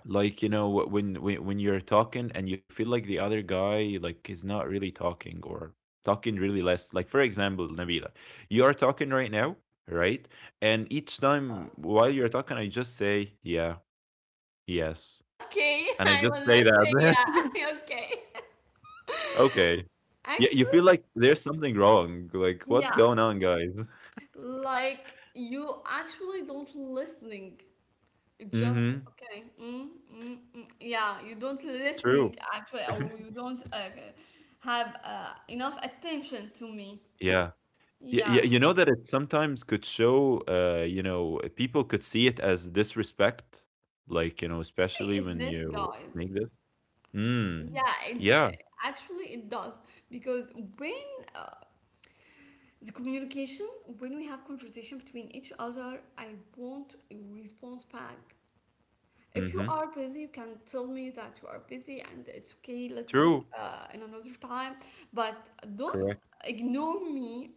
[SPEAKER 2] like when you're talking and you feel like the other guy, like, is not really talking or talking really less. Like for example, nabila, you are talking right now, right? And each time while you're talking, I just say yeah, yes,
[SPEAKER 1] Okay,
[SPEAKER 2] and I
[SPEAKER 1] I
[SPEAKER 2] just
[SPEAKER 1] will
[SPEAKER 2] say
[SPEAKER 1] not say
[SPEAKER 2] that.
[SPEAKER 1] yeah. Okay.
[SPEAKER 2] Okay, yeah, you feel
[SPEAKER 1] Actually,
[SPEAKER 2] like there's something wrong. Like what's
[SPEAKER 1] yeah.
[SPEAKER 2] going on, guys?
[SPEAKER 1] Like, you actually don't listening. Just
[SPEAKER 2] Mm-hmm.
[SPEAKER 1] okay. Mm, mm, mm. Yeah, you don't
[SPEAKER 2] True.
[SPEAKER 1] listening actually, or you don't have enough attention to me.
[SPEAKER 2] Yeah. Y y
[SPEAKER 1] Yeah,
[SPEAKER 2] You know that it sometimes could show, people could see it as disrespect, like,
[SPEAKER 1] actually,
[SPEAKER 2] especially
[SPEAKER 1] it
[SPEAKER 2] when
[SPEAKER 1] does,
[SPEAKER 2] you make
[SPEAKER 1] guys.
[SPEAKER 2] this. Mm.
[SPEAKER 1] Yeah, it
[SPEAKER 2] Yeah.
[SPEAKER 1] actually it does, because when, uh, the communication, when we have conversation between each other, I want a response back. If you
[SPEAKER 2] Mhm.
[SPEAKER 1] are busy, you can tell me that you are busy and it's okay. Let's talk
[SPEAKER 2] True.
[SPEAKER 1] in another time. But don't
[SPEAKER 2] Correct.
[SPEAKER 1] ignore me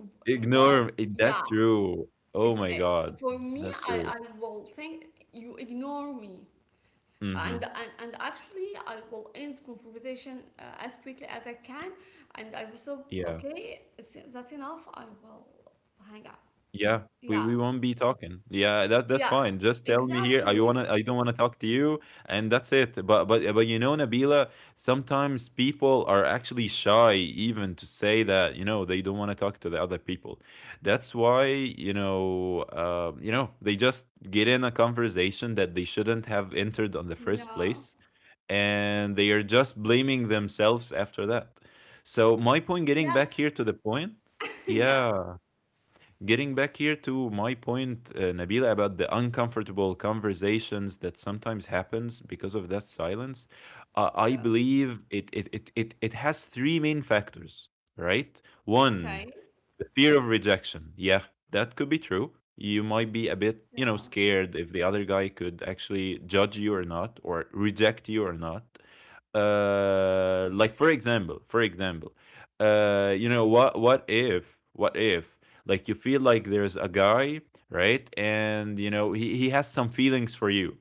[SPEAKER 1] while,
[SPEAKER 2] Ignore.
[SPEAKER 1] yeah,
[SPEAKER 2] That's true. Oh
[SPEAKER 1] it's
[SPEAKER 2] my God.
[SPEAKER 1] for me,
[SPEAKER 2] That's
[SPEAKER 1] I,
[SPEAKER 2] true.
[SPEAKER 1] I will think you ignore me. And,
[SPEAKER 2] Mhm.
[SPEAKER 1] and, and actually, I will end the conversation as quickly as I can. And I will say,
[SPEAKER 2] Yeah.
[SPEAKER 1] okay, that's enough. I will hang up.
[SPEAKER 2] Yeah, we
[SPEAKER 1] Yeah,
[SPEAKER 2] we won't be talking. Yeah, that's
[SPEAKER 1] yeah,
[SPEAKER 2] fine. Just tell me here. I
[SPEAKER 1] exactly.
[SPEAKER 2] wanna. I don't wanna talk to you, and that's it. But you know, Nabila, sometimes people are actually shy even to say that, they don't want to talk to the other people. That's why, they just get in a conversation that they shouldn't have entered on the first
[SPEAKER 1] Yeah,
[SPEAKER 2] place, and they are just blaming themselves after that. So my point, getting
[SPEAKER 1] yes,
[SPEAKER 2] back here to the point.
[SPEAKER 1] yeah,
[SPEAKER 2] Yeah, getting back here to my point Nabila, about the uncomfortable conversations that sometimes happens because of that silence.
[SPEAKER 1] yeah.
[SPEAKER 2] I believe it has three main factors, right?
[SPEAKER 1] Okay.
[SPEAKER 2] One, the fear of rejection. Yeah, that could be true. You might be a bit, you
[SPEAKER 1] Yeah.
[SPEAKER 2] know, scared if the other guy could actually judge you or not, or reject you or not. Like, for example, you know, what if like you feel like there's a guy, right? And you know he has some feelings for you,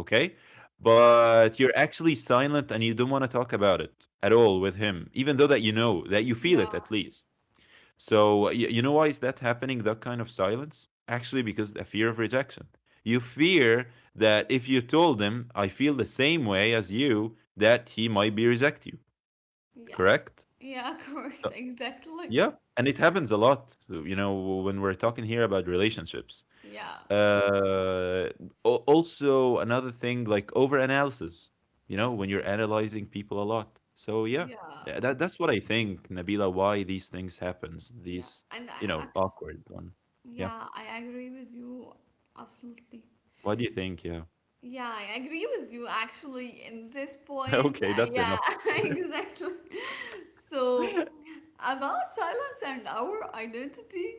[SPEAKER 2] okay?
[SPEAKER 1] Okay.
[SPEAKER 2] But you're actually silent and you don't want to talk about it at all with him, even though that you know that you feel it
[SPEAKER 1] Yeah.
[SPEAKER 2] at least. So you know, why is that happening? That kind of silence actually because the fear of rejection. You fear that if you told him I feel the same way as you, that he might be reject you.
[SPEAKER 1] Yes.
[SPEAKER 2] Correct?
[SPEAKER 1] Yeah, correct.
[SPEAKER 2] So
[SPEAKER 1] Exactly.
[SPEAKER 2] yeah, and it happens a lot. You know, when we're talking here about relationships.
[SPEAKER 1] Yeah.
[SPEAKER 2] Uh, also another thing like over analysis, you know, when you're analyzing people a lot. So yeah,
[SPEAKER 1] Yeah.
[SPEAKER 2] that that's what I think, Nabila, why these things happens.
[SPEAKER 1] Yeah.
[SPEAKER 2] These,
[SPEAKER 1] And I
[SPEAKER 2] you know,
[SPEAKER 1] actually,
[SPEAKER 2] awkward one. Yeah.
[SPEAKER 1] yeah, I agree with you absolutely.
[SPEAKER 2] What do you think? Yeah.
[SPEAKER 1] Yeah, I agree with you actually in this point.
[SPEAKER 2] Okay, that's
[SPEAKER 1] Yeah,
[SPEAKER 2] enough.
[SPEAKER 1] exactly. So, about silence and our identity,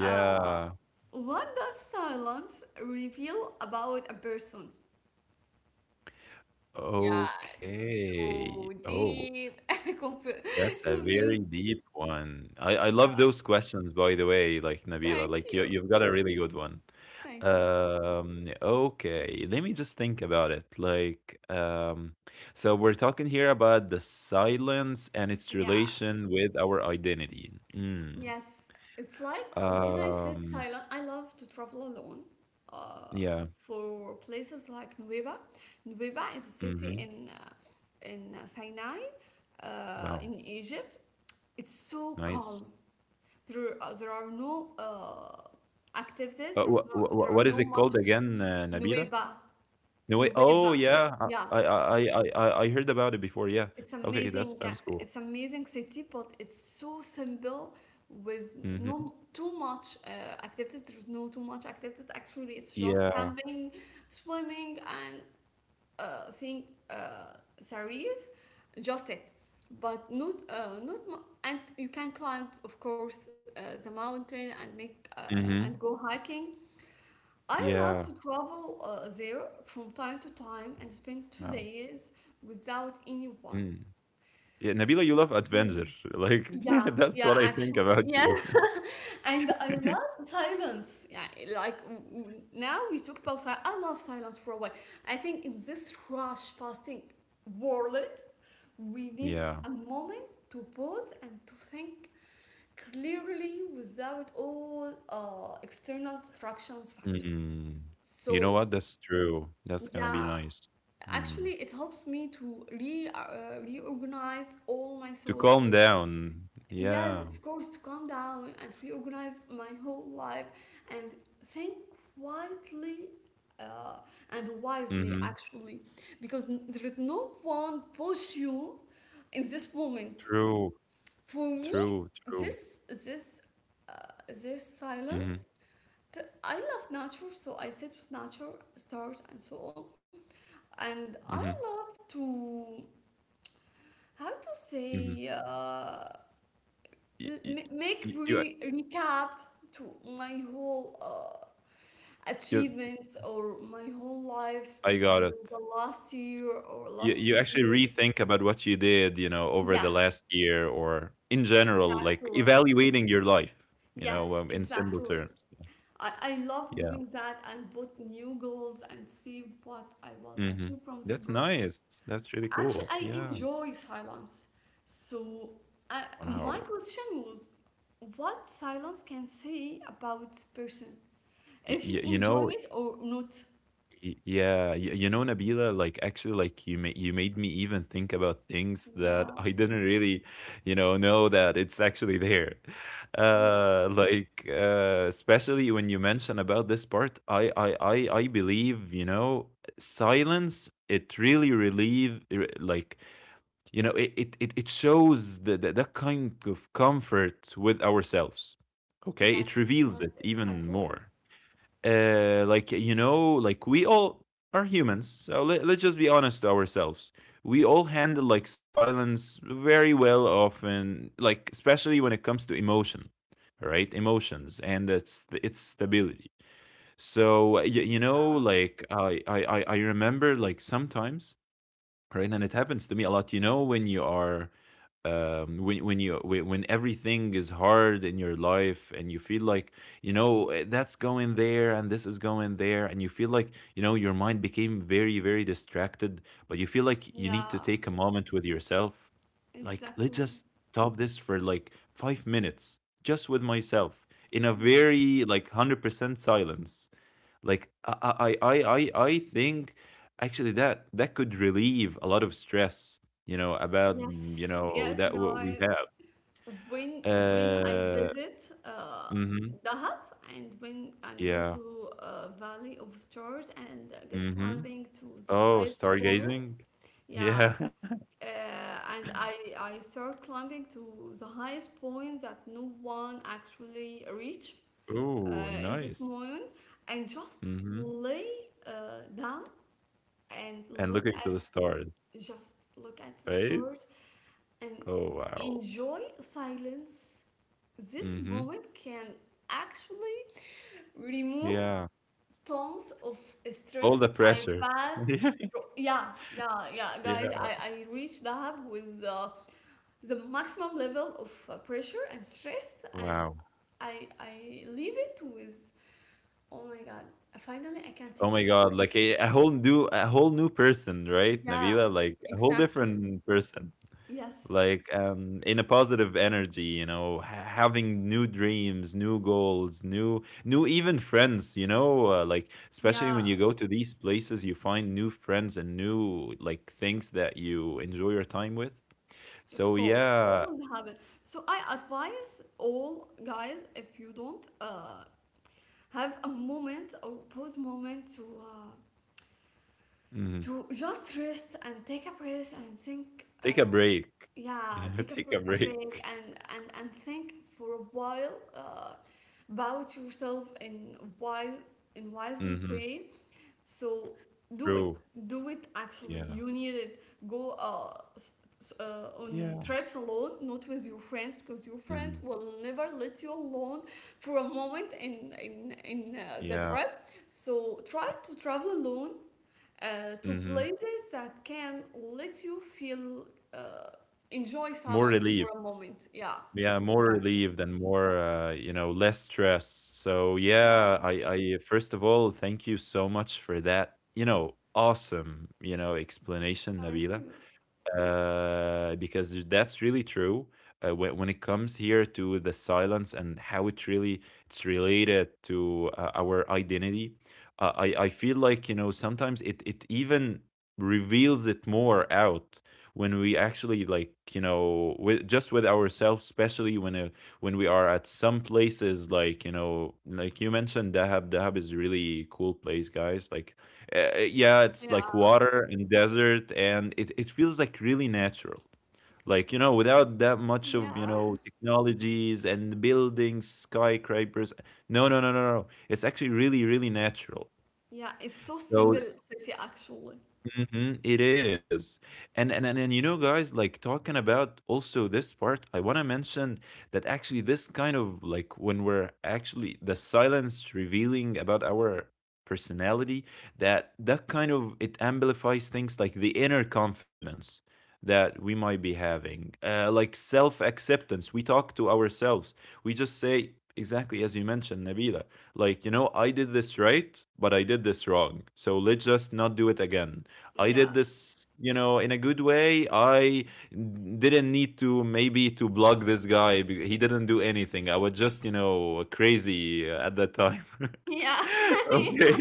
[SPEAKER 1] uh, what does silence reveal about a person? Yeah, it's
[SPEAKER 2] Okay.
[SPEAKER 1] so
[SPEAKER 2] Oh,
[SPEAKER 1] deep and
[SPEAKER 2] that's a very
[SPEAKER 1] confused.
[SPEAKER 2] deep one. I
[SPEAKER 1] Yeah,
[SPEAKER 2] love those questions, by the way, like Nabila.
[SPEAKER 1] thank
[SPEAKER 2] Like
[SPEAKER 1] you.
[SPEAKER 2] you've got a really good one.
[SPEAKER 1] Thank you.
[SPEAKER 2] Okay, let me just think about it. Like, so we're talking here about the silence and its
[SPEAKER 1] Yeah,
[SPEAKER 2] relation with our identity. Mm.
[SPEAKER 1] yes. It's like, when I sit
[SPEAKER 2] Um,
[SPEAKER 1] silent, I love to travel alone uh,
[SPEAKER 2] yeah.
[SPEAKER 1] for places like Nueva. Nueva is a city
[SPEAKER 2] Mm-hmm.
[SPEAKER 1] in, Sinai,
[SPEAKER 2] Wow.
[SPEAKER 1] in Egypt. It's so
[SPEAKER 2] Nice.
[SPEAKER 1] calm. There are no activities, there are
[SPEAKER 2] What is
[SPEAKER 1] no
[SPEAKER 2] it
[SPEAKER 1] much.
[SPEAKER 2] called again, Nabila?
[SPEAKER 1] Nueva.
[SPEAKER 2] No way. Oh,
[SPEAKER 1] Nueva.
[SPEAKER 2] yeah.
[SPEAKER 1] Yeah,
[SPEAKER 2] I heard about it before. Yeah.
[SPEAKER 1] it's
[SPEAKER 2] Okay, that
[SPEAKER 1] amazing.
[SPEAKER 2] sounds cool.
[SPEAKER 1] It's amazing city, but it's so simple, with no
[SPEAKER 2] Mhm.
[SPEAKER 1] too much activities. There's no too much activities. Actually, it's just
[SPEAKER 2] Yeah.
[SPEAKER 1] camping, swimming, and seeing Sarif. Just it, but not not and you can climb, of course, the mountain and make, and
[SPEAKER 2] Mhm.
[SPEAKER 1] go hiking. I love
[SPEAKER 2] Yeah.
[SPEAKER 1] to travel there from time to time and spend two
[SPEAKER 2] Wow.
[SPEAKER 1] days without anyone.
[SPEAKER 2] Mm. Yeah, Nabila, you love
[SPEAKER 1] For-
[SPEAKER 2] adventure. Like
[SPEAKER 1] Yeah,
[SPEAKER 2] that's
[SPEAKER 1] yeah,
[SPEAKER 2] what I think
[SPEAKER 1] actually,
[SPEAKER 2] about
[SPEAKER 1] yeah.
[SPEAKER 2] you.
[SPEAKER 1] And I love silence. Yeah, like, now we talk about silence. I love silence for a while. I think in this rush fasting world, we need
[SPEAKER 2] Yeah.
[SPEAKER 1] a moment to pause and to think clearly without all external distractions factor.
[SPEAKER 2] Mm. You know
[SPEAKER 1] So
[SPEAKER 2] what? That's true. That's gonna be
[SPEAKER 1] yeah,
[SPEAKER 2] nice. Mm.
[SPEAKER 1] actually, it helps me to re reorganize all my
[SPEAKER 2] To
[SPEAKER 1] thoughts.
[SPEAKER 2] calm down.
[SPEAKER 1] Yes,
[SPEAKER 2] Yeah.
[SPEAKER 1] of course, to calm down and reorganize my whole life and think quietly, uh, and wisely,
[SPEAKER 2] Mhm.
[SPEAKER 1] actually, because there is no one push you in this moment.
[SPEAKER 2] True.
[SPEAKER 1] For me,
[SPEAKER 2] True. True.
[SPEAKER 1] this this uh, this
[SPEAKER 2] Mhm.
[SPEAKER 1] silence. I love nature, so I sit with nature, stars, and so on. And I
[SPEAKER 2] Mhm.
[SPEAKER 1] love to. How to
[SPEAKER 2] Mhm.
[SPEAKER 1] say,
[SPEAKER 2] Y- y- You,
[SPEAKER 1] recap to my whole
[SPEAKER 2] you,
[SPEAKER 1] achievements or my whole life
[SPEAKER 2] I got it.
[SPEAKER 1] within the last year or last
[SPEAKER 2] You
[SPEAKER 1] two
[SPEAKER 2] actually
[SPEAKER 1] years
[SPEAKER 2] rethink about what you did, you know, over
[SPEAKER 1] Yes,
[SPEAKER 2] the last year or in general, like
[SPEAKER 1] exactly.
[SPEAKER 2] evaluating your life, you know,
[SPEAKER 1] Yes,
[SPEAKER 2] in simple
[SPEAKER 1] exactly.
[SPEAKER 2] terms. Yeah.
[SPEAKER 1] I love
[SPEAKER 2] Yeah.
[SPEAKER 1] doing that and put new goals and see what I will
[SPEAKER 2] Mhm.
[SPEAKER 1] achieve from these
[SPEAKER 2] That's
[SPEAKER 1] goals.
[SPEAKER 2] nice. That's really cool.
[SPEAKER 1] Actually, I
[SPEAKER 2] Yeah.
[SPEAKER 1] enjoy silence. So, uh,
[SPEAKER 2] Wow.
[SPEAKER 1] my question was, what silence can say about person?
[SPEAKER 2] Y-
[SPEAKER 1] If he
[SPEAKER 2] y- you
[SPEAKER 1] enjoy
[SPEAKER 2] know,
[SPEAKER 1] it or not.
[SPEAKER 2] Yeah, you know, Nabila, like actually, like you made me even think about things that
[SPEAKER 1] Yeah,
[SPEAKER 2] I didn't really, you know that it's actually there.
[SPEAKER 1] yeah.
[SPEAKER 2] Like especially when you mention about this part, I believe, you know, silence. It really relieve like, you know, it shows the that kind of comfort with ourselves. Okay,
[SPEAKER 1] Yes,
[SPEAKER 2] it
[SPEAKER 1] yes,
[SPEAKER 2] reveals it
[SPEAKER 1] exactly.
[SPEAKER 2] even more, like, you know, like we all are humans, so let's just be honest to ourselves. We all handle like silence very well often, like especially when it comes to emotion, right? Emotions and it's stability. So you know,
[SPEAKER 1] Yeah,
[SPEAKER 2] like I remember like sometimes, right? And it happens to me a lot, you know, when you are um, when when everything is hard in your life and you feel like, you know, that's going there and this is going there, and you feel like, you know, your mind became very very distracted, but you feel like you need to
[SPEAKER 1] yeah,
[SPEAKER 2] take a moment with yourself. Like let's
[SPEAKER 1] exactly.
[SPEAKER 2] just stop this for like 5 minutes just with myself in a
[SPEAKER 1] Yeah.
[SPEAKER 2] very like 100% silence. Like I think actually that that could relieve a lot of stress, you know, about mm, you
[SPEAKER 1] Yes,
[SPEAKER 2] know,
[SPEAKER 1] yes,
[SPEAKER 2] that what we
[SPEAKER 1] guys.
[SPEAKER 2] have.
[SPEAKER 1] when when I
[SPEAKER 2] Uh,
[SPEAKER 1] visit
[SPEAKER 2] mm-hmm.
[SPEAKER 1] Dahab and when and go
[SPEAKER 2] Yeah.
[SPEAKER 1] to Valley of Stars and get
[SPEAKER 2] Mm-hmm.
[SPEAKER 1] climbing to the
[SPEAKER 2] Oh,
[SPEAKER 1] highest point,
[SPEAKER 2] stargazing.
[SPEAKER 1] yeah,
[SPEAKER 2] Yeah.
[SPEAKER 1] uh, and I start climbing to the highest point that no one actually reach
[SPEAKER 2] Oh,
[SPEAKER 1] in this
[SPEAKER 2] nice.
[SPEAKER 1] moment, and just
[SPEAKER 2] Mm-hmm.
[SPEAKER 1] lay down and
[SPEAKER 2] And
[SPEAKER 1] look
[SPEAKER 2] looking
[SPEAKER 1] at,
[SPEAKER 2] to the stars,
[SPEAKER 1] the
[SPEAKER 2] right?
[SPEAKER 1] stars and
[SPEAKER 2] Oh, wow.
[SPEAKER 1] enjoy silence. This
[SPEAKER 2] Mm-hmm.
[SPEAKER 1] moment can actually remove
[SPEAKER 2] Yeah.
[SPEAKER 1] tons of
[SPEAKER 2] All
[SPEAKER 1] stress
[SPEAKER 2] the
[SPEAKER 1] I
[SPEAKER 2] pressure.
[SPEAKER 1] pass
[SPEAKER 2] Yeah.
[SPEAKER 1] through. Yeah, yeah, yeah, guys.
[SPEAKER 2] Yeah.
[SPEAKER 1] I reached Dahab with the maximum level of pressure and stress, and
[SPEAKER 2] Wow.
[SPEAKER 1] I leave it with, oh my God, finally I can
[SPEAKER 2] Oh
[SPEAKER 1] take
[SPEAKER 2] my
[SPEAKER 1] my
[SPEAKER 2] God.
[SPEAKER 1] breath.
[SPEAKER 2] Like a, a whole new person, right,
[SPEAKER 1] Yeah,
[SPEAKER 2] Nabila? Like a whole different
[SPEAKER 1] exactly.
[SPEAKER 2] person.
[SPEAKER 1] Yes,
[SPEAKER 2] Like um, in a positive energy, you know, having new dreams, new goals, new even friends, you know, like
[SPEAKER 1] yeah.
[SPEAKER 2] especially when you go to these places you find new friends and new like things that you enjoy your time with.
[SPEAKER 1] Of
[SPEAKER 2] So
[SPEAKER 1] course, it
[SPEAKER 2] yeah.
[SPEAKER 1] always happen. So I advise all guys, if you don't have a moment or pause moment to,
[SPEAKER 2] Mhm.
[SPEAKER 1] to just rest and take a breath and think.
[SPEAKER 2] Take a break.
[SPEAKER 1] Yeah,
[SPEAKER 2] Yeah,
[SPEAKER 1] take a,
[SPEAKER 2] take a
[SPEAKER 1] br- a break
[SPEAKER 2] break.
[SPEAKER 1] and think for a while about yourself in wisely
[SPEAKER 2] Hmm.
[SPEAKER 1] way. So do it.
[SPEAKER 2] True.
[SPEAKER 1] Do it actually.
[SPEAKER 2] Yeah.
[SPEAKER 1] You need it. Go, on
[SPEAKER 2] Yeah.
[SPEAKER 1] trips alone, not with your friends, because your friends
[SPEAKER 2] Hmm.
[SPEAKER 1] will never let you alone for a moment in, the
[SPEAKER 2] Yeah.
[SPEAKER 1] trip. So try to travel alone to
[SPEAKER 2] Hmm.
[SPEAKER 1] places that can let you feel, uh, enjoy
[SPEAKER 2] More
[SPEAKER 1] silence
[SPEAKER 2] relief.
[SPEAKER 1] for a moment. Yeah,
[SPEAKER 2] Yeah, more
[SPEAKER 1] exactly.
[SPEAKER 2] relieved and more, you know, less stress. So yeah,
[SPEAKER 1] Yeah,
[SPEAKER 2] I, I first of all, thank you so much for that, you know, awesome, you know, explanation,
[SPEAKER 1] thank you.
[SPEAKER 2] Nabila, because that's really true. When it comes here to the silence and how it really it's related to our identity, I feel like, you know, sometimes it even reveals it more out when we actually, like, you know, with just with ourselves, especially when we are at some places like, you know, like you mentioned Dahab. Dahab is really cool place, guys. Like yeah,
[SPEAKER 1] Yeah,
[SPEAKER 2] it's like water and desert, and it feels like really natural. Like, you know, without that much
[SPEAKER 1] yeah.
[SPEAKER 2] of, you know, technologies and buildings, skyscrapers. No, no, no, no, no, no. It's actually really, really natural.
[SPEAKER 1] Yeah, it's so simple
[SPEAKER 2] So
[SPEAKER 1] city actually.
[SPEAKER 2] mhm, it is. And you know, guys, like talking about also this part, I want to mention that actually this kind of like when we're actually the silence revealing about our personality, that that kind of it amplifies things like the inner confidence that we might be having, like self acceptance. We talk to ourselves. We just say exactly as you mentioned, Nabila, like you know, I did this right, but I did this wrong. So let's just not do it again. I
[SPEAKER 1] Yeah.
[SPEAKER 2] did this, you know, in a good way. I didn't need to maybe to block this guy. He didn't do anything. I was just, you know, crazy at that time.
[SPEAKER 1] Ja.
[SPEAKER 2] Okay.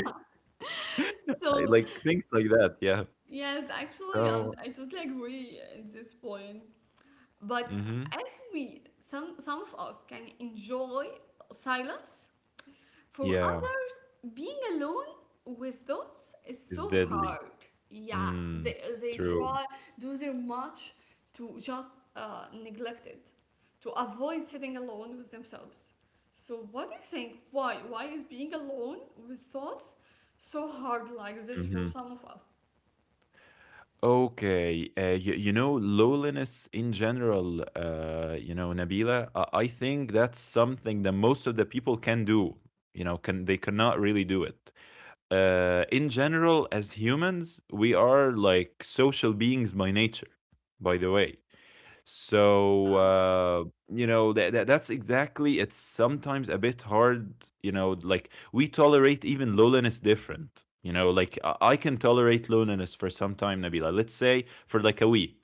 [SPEAKER 1] So,
[SPEAKER 2] Like things like that. Yeah.
[SPEAKER 1] yes, actually,
[SPEAKER 2] So,
[SPEAKER 1] I totally agree at this point. But
[SPEAKER 2] hmm,
[SPEAKER 1] some of us can enjoy silence, for
[SPEAKER 2] yeah,
[SPEAKER 1] others, being alone with thoughts is
[SPEAKER 2] it's
[SPEAKER 1] so
[SPEAKER 2] deadly.
[SPEAKER 1] hard. Yeah,
[SPEAKER 2] Mm,
[SPEAKER 1] they
[SPEAKER 2] true.
[SPEAKER 1] try, do their much to just neglect it, to avoid sitting alone with themselves. So, what do you think? Why? Why is being alone with thoughts so hard like this for
[SPEAKER 2] Mm-hmm.
[SPEAKER 1] some of us?
[SPEAKER 2] Okay, you know, loneliness in general, you know, Nabila, I think that's something that most of the people can do. You know, can they cannot really do it. In general, as humans, we are like social beings by nature, by the way. So,
[SPEAKER 1] Yeah.
[SPEAKER 2] you know, that that's exactly it's sometimes a bit hard, you know, like we tolerate even loneliness different. You know, like I can tolerate loneliness for some time, Nabila. Let's say for like a week.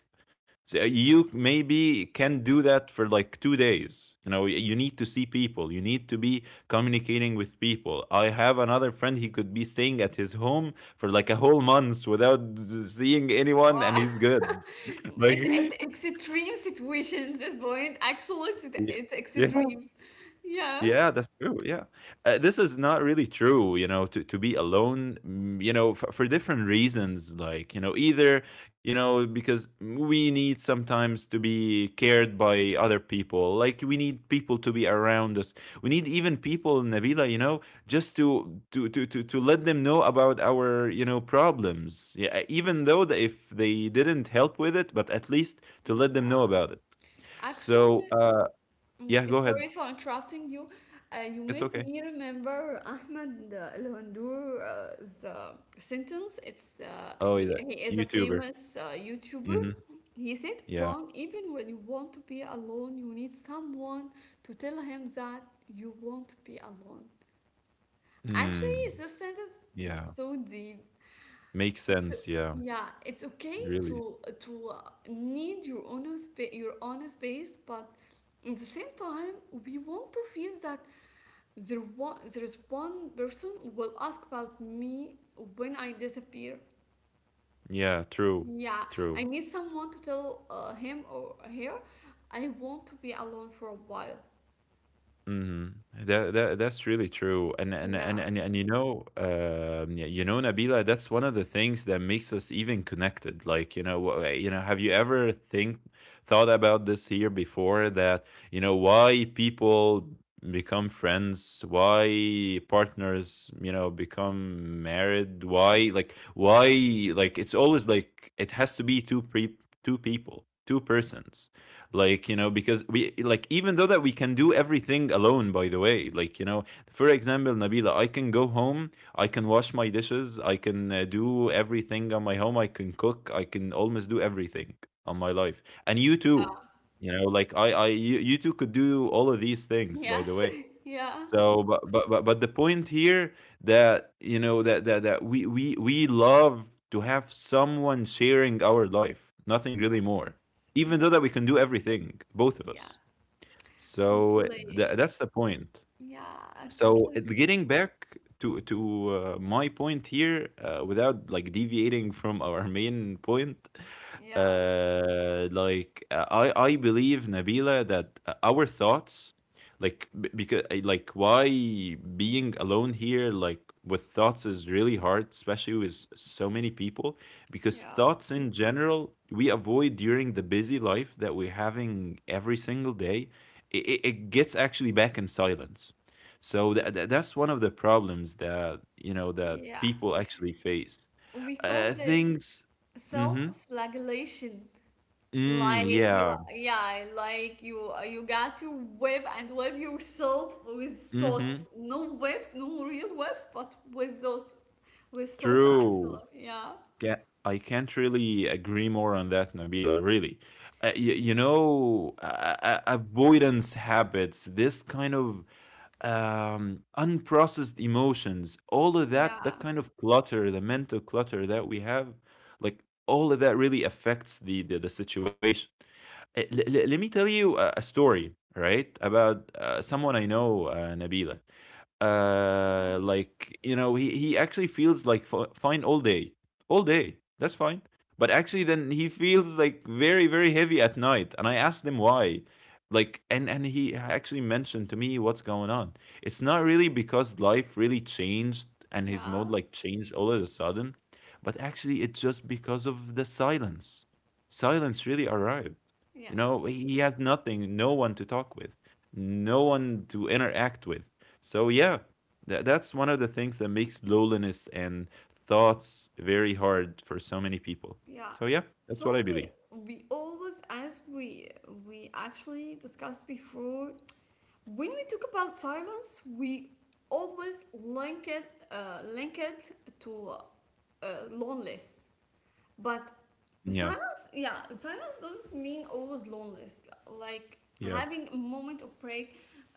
[SPEAKER 2] So you maybe can do that for like 2 days. You know, you need to see people. You need to be communicating with people. I have another friend. He could be staying at his home for like a whole month without seeing anyone, and
[SPEAKER 1] Uh,
[SPEAKER 2] he's good. Like,
[SPEAKER 1] it, it's extreme situation at this point. Actually, it's,
[SPEAKER 2] yeah.
[SPEAKER 1] it's
[SPEAKER 2] Yeah.
[SPEAKER 1] extreme. Yeah.
[SPEAKER 2] Yeah, that's true. Yeah, this is not really true. You know, to be alone. Mm, you know, for different reasons. Like you know, either you know because we need sometimes to be cared by other people. Like we need people to be around us. We need even people, Nabila. You know, just to let them know about our, you know, problems. Yeah, even though that if they didn't help with it, but at least to let them know
[SPEAKER 1] Yeah.
[SPEAKER 2] about it. So
[SPEAKER 1] Actually, mm,
[SPEAKER 2] yeah, go ahead.
[SPEAKER 1] sorry for interrupting you. You
[SPEAKER 2] It's
[SPEAKER 1] made
[SPEAKER 2] okay.
[SPEAKER 1] me remember Ahmed Lawandour's the sentence. It's uh,
[SPEAKER 2] Oh,
[SPEAKER 1] he,
[SPEAKER 2] yeah.
[SPEAKER 1] he is a
[SPEAKER 2] YouTuber.
[SPEAKER 1] famous YouTuber.
[SPEAKER 2] Mhm.
[SPEAKER 1] He said,
[SPEAKER 2] Yeah.
[SPEAKER 1] "One, even when you want to be alone, you need someone to tell him that you want to be alone." Actually,
[SPEAKER 2] Mm.
[SPEAKER 1] this sentence is
[SPEAKER 2] Yeah.
[SPEAKER 1] so deep.
[SPEAKER 2] Makes
[SPEAKER 1] It's so,
[SPEAKER 2] sense, yeah.
[SPEAKER 1] yeah, it's okay
[SPEAKER 2] Really.
[SPEAKER 1] to need your own space, but at the same time, we want to feel that there is one person will ask about me when I disappear.
[SPEAKER 2] Yeah, true.
[SPEAKER 1] Yeah, I
[SPEAKER 2] True.
[SPEAKER 1] need someone to tell him or her I want to be alone for a while.
[SPEAKER 2] Mhm. That that's really true, and
[SPEAKER 1] Yeah,
[SPEAKER 2] and you know, you know, Nabila, that's one of the things that makes us even connected. Like you know, you know, have you ever think thought about this here before? That you know why people become friends, why partners, you know, become married, why like it's always like it has to be two people, two persons. Like you know, because we like even though that we can do everything alone, by the way, like you know, for example, Nabila, I can go home. I can wash my dishes. I can do everything on my home. I can cook. I can almost do everything on my life, and you
[SPEAKER 1] yeah,
[SPEAKER 2] too. You know, like I you, you two could do all of these things, by the
[SPEAKER 1] yes,
[SPEAKER 2] way.
[SPEAKER 1] yeah,
[SPEAKER 2] So, but the point here that you know that we love to have someone sharing our life, nothing really
[SPEAKER 1] yes,
[SPEAKER 2] more. Even though that we can do
[SPEAKER 1] exactly.
[SPEAKER 2] everything, both of us.
[SPEAKER 1] Yeah.
[SPEAKER 2] So that
[SPEAKER 1] Totally.
[SPEAKER 2] that's the point.
[SPEAKER 1] Yeah, I
[SPEAKER 2] So
[SPEAKER 1] totally.
[SPEAKER 2] getting back to my point here, without like deviating from our main point,
[SPEAKER 1] Yeah,
[SPEAKER 2] like I believe Nabila that our thoughts, like, because like why being alone here like with thoughts is really hard, especially with so many people, because
[SPEAKER 1] yeah,
[SPEAKER 2] thoughts in general we avoid during the busy life that we're having every single day. It gets actually back in silence, so that's one of the problems that, you know, that
[SPEAKER 1] yeah.
[SPEAKER 2] people actually face.
[SPEAKER 1] We
[SPEAKER 2] Uh,
[SPEAKER 1] called it
[SPEAKER 2] things mhm.
[SPEAKER 1] self-flagellation.
[SPEAKER 2] Mm,
[SPEAKER 1] Like, you,
[SPEAKER 2] yeah.
[SPEAKER 1] yeah, you got to whip and whip yourself with
[SPEAKER 2] Mhm.
[SPEAKER 1] thoughts. No whips, no real whips, but with thoughts
[SPEAKER 2] True.
[SPEAKER 1] actually. Yeah,
[SPEAKER 2] Ca I can't really agree more on that, Nabila, really. Y you know, a avoidance habits, this kind of unprocessed emotions, all of that,
[SPEAKER 1] yeah,
[SPEAKER 2] that kind of clutter, the mental clutter that we have, like all of that really affects the situation. Let me tell you a story, right, about someone I know, Nabila. He actually feels like fine all day, all day. That's fine. But actually, then he feels like very, very heavy at night. And I asked him why, and he actually mentioned to me what's going on. It's not really because life really changed and his mode
[SPEAKER 1] yeah.
[SPEAKER 2] like changed all of a sudden, but actually it's just because of the silence. Silence
[SPEAKER 1] Yes,
[SPEAKER 2] really arrived. You
[SPEAKER 1] yes,
[SPEAKER 2] know, he had nothing, no one to talk with, no one to interact with. So yeah, that's one of the things that makes loneliness and thoughts very hard for so many people.
[SPEAKER 1] yeah.
[SPEAKER 2] So yeah, that's what
[SPEAKER 1] So
[SPEAKER 2] I
[SPEAKER 1] we
[SPEAKER 2] believe.
[SPEAKER 1] we always, as we actually discussed before, when we talk about silence, we always link it to loneliness. But
[SPEAKER 2] Yeah.
[SPEAKER 1] silence, yeah, silence doesn't mean always loneliness. Like,
[SPEAKER 2] Yeah.
[SPEAKER 1] having a moment of break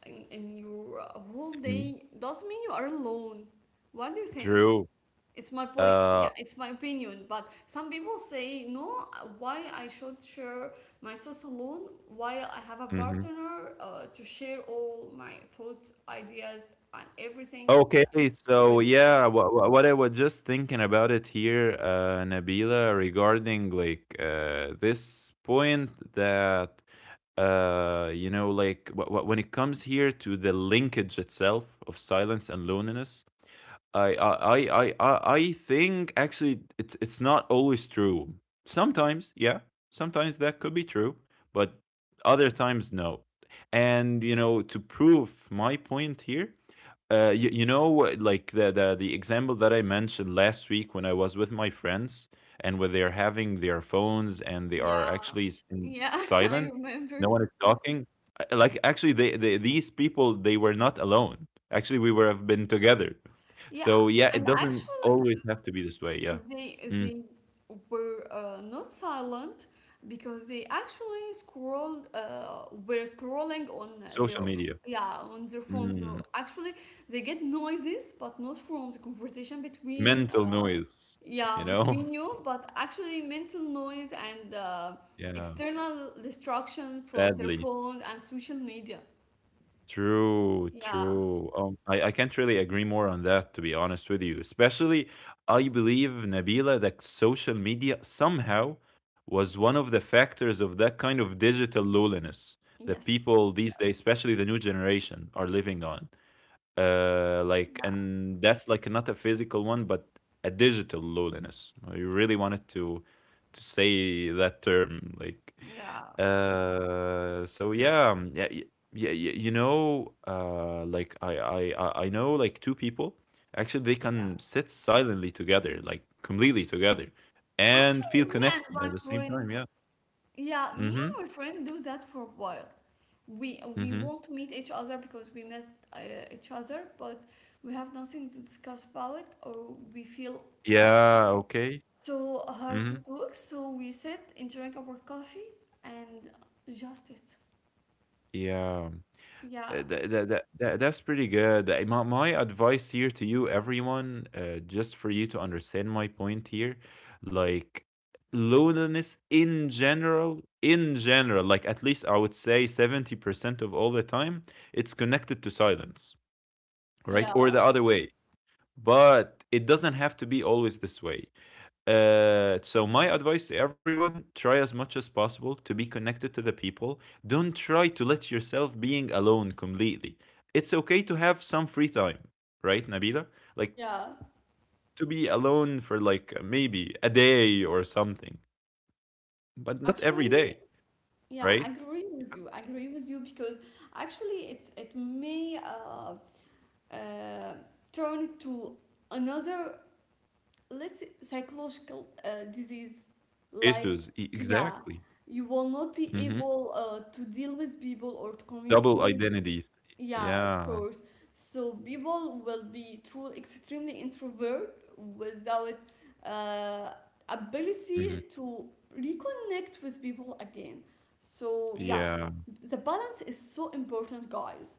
[SPEAKER 1] in your whole day
[SPEAKER 2] Mhm.
[SPEAKER 1] doesn't mean you are alone. What do you think?
[SPEAKER 2] True.
[SPEAKER 1] It's my point.
[SPEAKER 2] uh
[SPEAKER 1] Yeah, it's my opinion. But some people say no. Why I should share my thoughts alone while I have a
[SPEAKER 2] Mhm.
[SPEAKER 1] partner to share all my thoughts, ideas, and everything
[SPEAKER 2] Okay, so
[SPEAKER 1] with.
[SPEAKER 2] yeah, what I was just thinking about it here, Nabila, regarding like this point that you know, like when it comes here to the linkage itself of silence and loneliness, I think actually it's not always true. Sometimes, yeah, sometimes that could be true, but other times no. And you know, to prove my point here, you know, like the example that I mentioned last week when I was with my friends, and where they're having their phones and they are
[SPEAKER 1] Yeah,
[SPEAKER 2] actually in
[SPEAKER 1] yeah, I
[SPEAKER 2] silent,
[SPEAKER 1] remember.
[SPEAKER 2] no one is talking. Like actually, they these people, they were not alone. Actually, we were have been together.
[SPEAKER 1] Yeah,
[SPEAKER 2] So yeah, it
[SPEAKER 1] and
[SPEAKER 2] doesn't
[SPEAKER 1] actually,
[SPEAKER 2] always have to be this way. Yeah.
[SPEAKER 1] they
[SPEAKER 2] Mm.
[SPEAKER 1] they were not silent because they actually scrolled were scrolling on their,
[SPEAKER 2] Social media.
[SPEAKER 1] yeah, on their phone.
[SPEAKER 2] Mm.
[SPEAKER 1] So actually they get noises, but not from the conversation between,
[SPEAKER 2] Mental noise,
[SPEAKER 1] yeah,
[SPEAKER 2] you know?
[SPEAKER 1] between you, but actually mental noise and
[SPEAKER 2] Yeah.
[SPEAKER 1] external distraction from their
[SPEAKER 2] Sadly.
[SPEAKER 1] phone and social media.
[SPEAKER 2] True,
[SPEAKER 1] Yeah,
[SPEAKER 2] true. I can't really agree more on that, to be honest with you. Especially, I believe, Nabila, that social media somehow was one of the factors of that kind of digital lowliness that
[SPEAKER 1] yes,
[SPEAKER 2] people these days, especially the new generation, are living on. Like
[SPEAKER 1] yeah,
[SPEAKER 2] and that's like not a physical one, but a digital loneliness. I really wanted to say that term, like,
[SPEAKER 1] yeah.
[SPEAKER 2] so
[SPEAKER 1] So,
[SPEAKER 2] yeah. You know, I know like two people actually they
[SPEAKER 1] yeah,
[SPEAKER 2] can sit silently together, like completely together, and
[SPEAKER 1] actually,
[SPEAKER 2] feel
[SPEAKER 1] me and
[SPEAKER 2] connected
[SPEAKER 1] my
[SPEAKER 2] at the same time.
[SPEAKER 1] friend,
[SPEAKER 2] Yeah.
[SPEAKER 1] yeah, me and
[SPEAKER 2] Mm-hmm.
[SPEAKER 1] my friend do that for a while. We
[SPEAKER 2] Mm-hmm.
[SPEAKER 1] won't meet each other because we missed each other, but we have nothing to discuss about it, or we feel uh,
[SPEAKER 2] Yeah, okay.
[SPEAKER 1] so hard to
[SPEAKER 2] Mm-hmm.
[SPEAKER 1] talk. So we sit and drink our coffee and just it.
[SPEAKER 2] Yeah.
[SPEAKER 1] Yeah,
[SPEAKER 2] That's pretty good. My advice here to you, everyone, just for you to understand my point here, like loneliness in general, like at least I would say 70% of all the time, it's connected to silence, right? Or the
[SPEAKER 1] yeah,
[SPEAKER 2] other way. But it doesn't have to be always this way. So my advice to everyone: try as much as possible to be connected to the people. Don't try to let yourself being alone completely. It's okay to have some free time, right, Nabila? Like
[SPEAKER 1] yeah.
[SPEAKER 2] to be alone for like maybe a day or something, but not every day,
[SPEAKER 1] Actually, yeah, I
[SPEAKER 2] right?
[SPEAKER 1] agree with you. I agree with you because actually, it may uh, turn to another, let's say, psychological disease, like,
[SPEAKER 2] Issues,
[SPEAKER 1] yeah,
[SPEAKER 2] exactly.
[SPEAKER 1] you will not be
[SPEAKER 2] Hmm.
[SPEAKER 1] able to deal with people or to
[SPEAKER 2] Double
[SPEAKER 1] communicate.
[SPEAKER 2] identity.
[SPEAKER 1] Yeah, of
[SPEAKER 2] Yeah.
[SPEAKER 1] course. So people will be truly extremely introvert without uh,
[SPEAKER 2] Hmm.
[SPEAKER 1] ability to reconnect with people again. So yes,
[SPEAKER 2] Yeah.
[SPEAKER 1] the balance is so important, guys.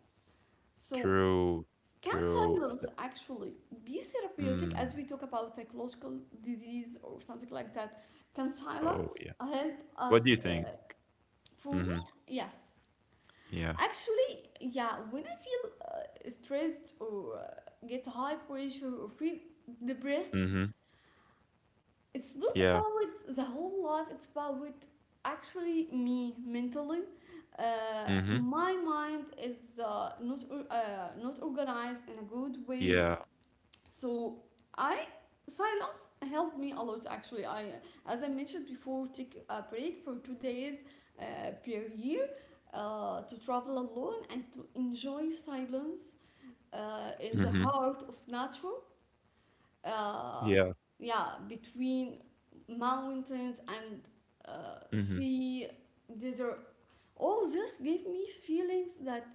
[SPEAKER 1] So
[SPEAKER 2] True.
[SPEAKER 1] can
[SPEAKER 2] True.
[SPEAKER 1] silence
[SPEAKER 2] So-
[SPEAKER 1] actually be therapeutic, as we
[SPEAKER 2] Mm.
[SPEAKER 1] talk about psychological disease or something like that? Can
[SPEAKER 2] Oh,
[SPEAKER 1] silence
[SPEAKER 2] yeah.
[SPEAKER 1] help us?
[SPEAKER 2] What do you think?
[SPEAKER 1] For me,
[SPEAKER 2] Hmm.
[SPEAKER 1] yes.
[SPEAKER 2] Yeah.
[SPEAKER 1] Actually, yeah, when I feel stressed or get high pressure or feel depressed,
[SPEAKER 2] Mhm.
[SPEAKER 1] it's not
[SPEAKER 2] Yeah.
[SPEAKER 1] about the whole life, it's about actually me mentally. Uh,
[SPEAKER 2] Mhm.
[SPEAKER 1] my mind is not organized in a good way,
[SPEAKER 2] Yeah.
[SPEAKER 1] so I silence helped me a lot. Actually, I as I mentioned before, take a break for 2 days uh, per year, to travel alone and to enjoy silence in the
[SPEAKER 2] Mhm.
[SPEAKER 1] heart of nature, uh,
[SPEAKER 2] Yeah.
[SPEAKER 1] yeah, between mountains and
[SPEAKER 2] Mhm.
[SPEAKER 1] sea, desert. All this gave me feelings that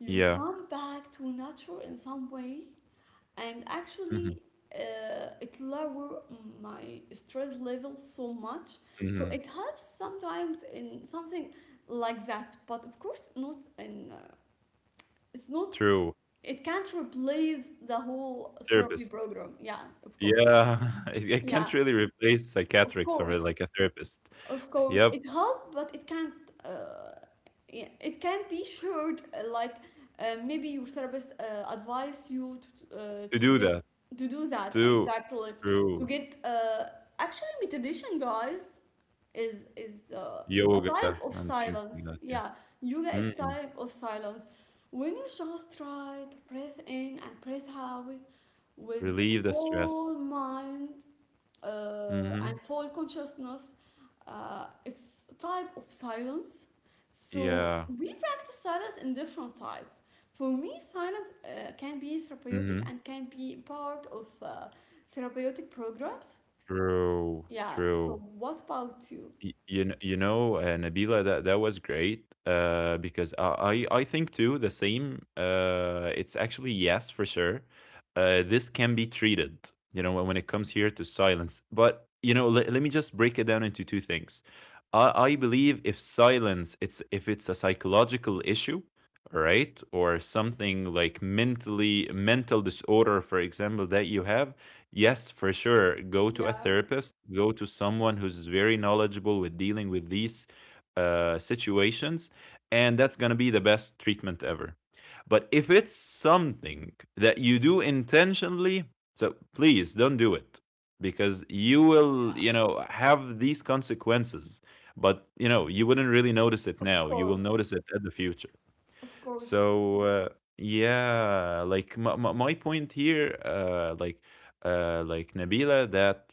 [SPEAKER 1] you
[SPEAKER 2] Yeah.
[SPEAKER 1] come back to nature in some way. And
[SPEAKER 2] Mhm.
[SPEAKER 1] actually, it lower my stress level so much. So
[SPEAKER 2] Mhm.
[SPEAKER 1] it helps sometimes in something like that, but of course not in it's not,
[SPEAKER 2] True.
[SPEAKER 1] it can't replace the whole therapy
[SPEAKER 2] Therapist.
[SPEAKER 1] program. Yeah, of course.
[SPEAKER 2] Yeah. I
[SPEAKER 1] Yeah,
[SPEAKER 2] can't really replace
[SPEAKER 1] of
[SPEAKER 2] psychiatrics or
[SPEAKER 1] course.
[SPEAKER 2] like a therapist.
[SPEAKER 1] Of course,
[SPEAKER 2] Yep.
[SPEAKER 1] it helped, but it can't. Uh, yeah, it can't be shared. Like, maybe your therapist advise you to uh,
[SPEAKER 2] To
[SPEAKER 1] to
[SPEAKER 2] do
[SPEAKER 1] get
[SPEAKER 2] that,
[SPEAKER 1] to do that
[SPEAKER 2] to
[SPEAKER 1] exactly. To
[SPEAKER 2] through
[SPEAKER 1] get actually, meditation, guys, is a
[SPEAKER 2] yoga
[SPEAKER 1] type of
[SPEAKER 2] and things like
[SPEAKER 1] silence.
[SPEAKER 2] that.
[SPEAKER 1] Yeah,
[SPEAKER 2] Yeah.
[SPEAKER 1] yoga is
[SPEAKER 2] Mm.
[SPEAKER 1] type of silence. When you just try to breathe in and breathe out with
[SPEAKER 2] Relieve the stress.
[SPEAKER 1] whole mind
[SPEAKER 2] Mhm.
[SPEAKER 1] and full consciousness. It's a type of silence. So
[SPEAKER 2] Yeah.
[SPEAKER 1] we practice silence in different types. For me, silence can be therapeutic
[SPEAKER 2] Mhm.
[SPEAKER 1] and can be part of therapeutic programs.
[SPEAKER 2] True.
[SPEAKER 1] Yeah. So
[SPEAKER 2] True.
[SPEAKER 1] what about you?
[SPEAKER 2] You know, Nabila, that that was great because I think too the same. It's actually yes for sure. This can be treated, you know, when it comes here to silence. But you know, let me just break it down into two things. I believe if silence, it's if it's a psychological issue, right, or something like mentally mental disorder, for example, that you have, yes, for sure. Go to a
[SPEAKER 1] Yeah,
[SPEAKER 2] therapist, go to someone who's very knowledgeable with dealing with these situations, and that's going to be the best treatment ever. But if it's something that you do intentionally, so please don't do it, because you will, you know, have these consequences. But, you know, you wouldn't really notice it
[SPEAKER 1] of
[SPEAKER 2] now. You will
[SPEAKER 1] course,
[SPEAKER 2] notice it at the future.
[SPEAKER 1] of course.
[SPEAKER 2] So yeah, like my point here, like Nabila, that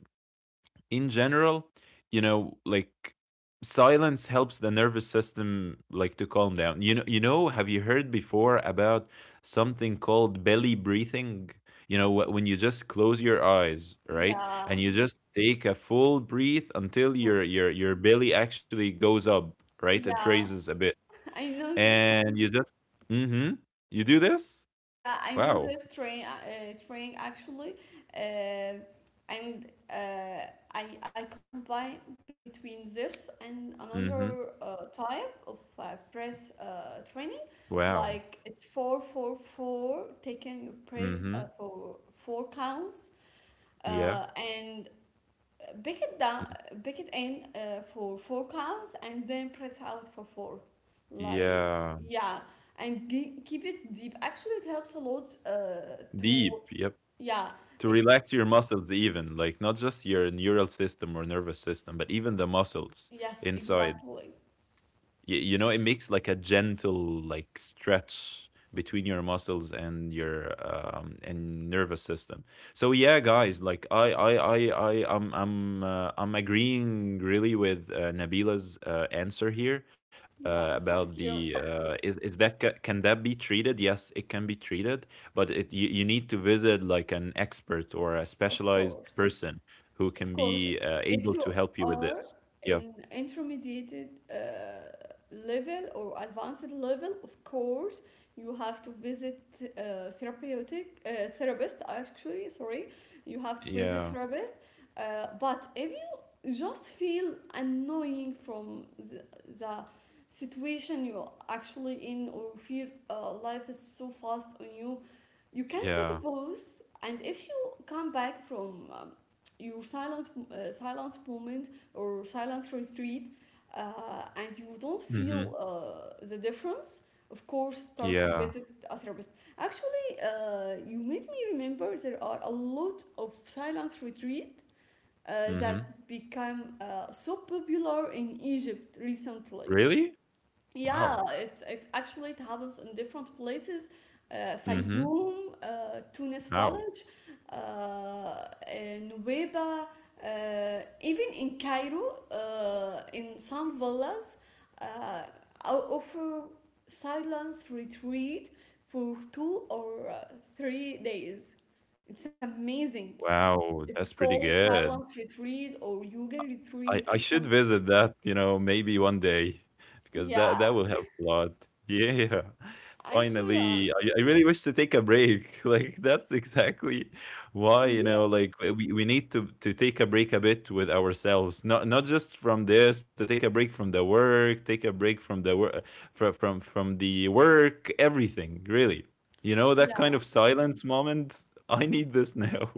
[SPEAKER 2] in general, you know, like silence helps the nervous system like to calm down. You know, have you heard before about something called belly breathing? You know, when you just close your eyes, right,
[SPEAKER 1] Yeah,
[SPEAKER 2] and you just take a full breath until
[SPEAKER 1] Fro-
[SPEAKER 2] your belly actually goes up, right? It
[SPEAKER 1] yeah.
[SPEAKER 2] raises a bit
[SPEAKER 1] I know this
[SPEAKER 2] and you just mm mhm. You do this?
[SPEAKER 1] Yeah, I know
[SPEAKER 2] Wow.
[SPEAKER 1] this train, train actually, uh, and uh, I combine between this and
[SPEAKER 2] Mm mhm.
[SPEAKER 1] another type of breath training.
[SPEAKER 2] Wow.
[SPEAKER 1] Like it's four four four, taking your
[SPEAKER 2] Mm
[SPEAKER 1] breath
[SPEAKER 2] mhm.
[SPEAKER 1] for four counts,
[SPEAKER 2] Yeah.
[SPEAKER 1] and pick it down,
[SPEAKER 2] Mm.
[SPEAKER 1] pick it in for four counts, and then press out for four. Like,
[SPEAKER 2] Yeah.
[SPEAKER 1] yeah, and keep it deep. Actually, it helps a lot. To
[SPEAKER 2] Deep, yep.
[SPEAKER 1] yeah,
[SPEAKER 2] To
[SPEAKER 1] it,
[SPEAKER 2] relax your muscles even, like, not just your neural system or nervous system, but even the muscles
[SPEAKER 1] yes,
[SPEAKER 2] inside.
[SPEAKER 1] exactly.
[SPEAKER 2] You know, it makes like a gentle like stretch between your muscles and your and nervous system. So yeah, guys, like I'm I'm agreeing really with Nabila's answer here.
[SPEAKER 1] Yeah,
[SPEAKER 2] About
[SPEAKER 1] thank you.
[SPEAKER 2] the is that can that be treated? Yes, it can be treated, but it you, you need to visit like an expert or a
[SPEAKER 1] Of
[SPEAKER 2] specialized
[SPEAKER 1] course.
[SPEAKER 2] person who
[SPEAKER 1] Of
[SPEAKER 2] can
[SPEAKER 1] course,
[SPEAKER 2] be
[SPEAKER 1] if
[SPEAKER 2] able
[SPEAKER 1] you
[SPEAKER 2] to help you with
[SPEAKER 1] are
[SPEAKER 2] this. Yeah,
[SPEAKER 1] in intermediate uh, level or advanced level, of course, you have to visit therapeutic therapist. Actually, sorry, you have to visit
[SPEAKER 2] yeah,
[SPEAKER 1] therapist. But if you just feel annoying from the situation you are actually in, or feel life is so fast on you, you can take a
[SPEAKER 2] yeah.
[SPEAKER 1] pause. And if you come back from your silent silence moment or silence retreat, and you don't feel
[SPEAKER 2] Hmm.
[SPEAKER 1] the difference, of course start to
[SPEAKER 2] Yeah.
[SPEAKER 1] visit a therapist. Actually, you made me remember there are a lot of silence retreat uh,
[SPEAKER 2] Mhm.
[SPEAKER 1] that become so popular in Egypt recently.
[SPEAKER 2] Really?
[SPEAKER 1] Yeah,
[SPEAKER 2] Wow.
[SPEAKER 1] it's actually it happens in different places.
[SPEAKER 2] Mhm.
[SPEAKER 1] Fayoum, Tunis
[SPEAKER 2] Wow.
[SPEAKER 1] Village, uh, in Nuweiba, even in Cairo, in some villas, uh, offer silence retreat for two or 3 days. It's amazing.
[SPEAKER 2] Wow,
[SPEAKER 1] It's
[SPEAKER 2] that's pretty
[SPEAKER 1] called
[SPEAKER 2] good.
[SPEAKER 1] silence retreat or yoga
[SPEAKER 2] I
[SPEAKER 1] retreat
[SPEAKER 2] I
[SPEAKER 1] or
[SPEAKER 2] should
[SPEAKER 1] something.
[SPEAKER 2] visit that, you know, maybe one day because that
[SPEAKER 1] Yeah,
[SPEAKER 2] that will help a lot. Yeah.
[SPEAKER 1] actually,
[SPEAKER 2] Finally, I really wish to take a break. Like that's exactly why, you
[SPEAKER 1] we.
[SPEAKER 2] know,
[SPEAKER 1] Yeah,
[SPEAKER 2] like we need to take a break a bit with ourselves. Not not just from this, to take a break from the work, take a break from the work from the work, everything, really. You know, that kind of silence moment. I need this now.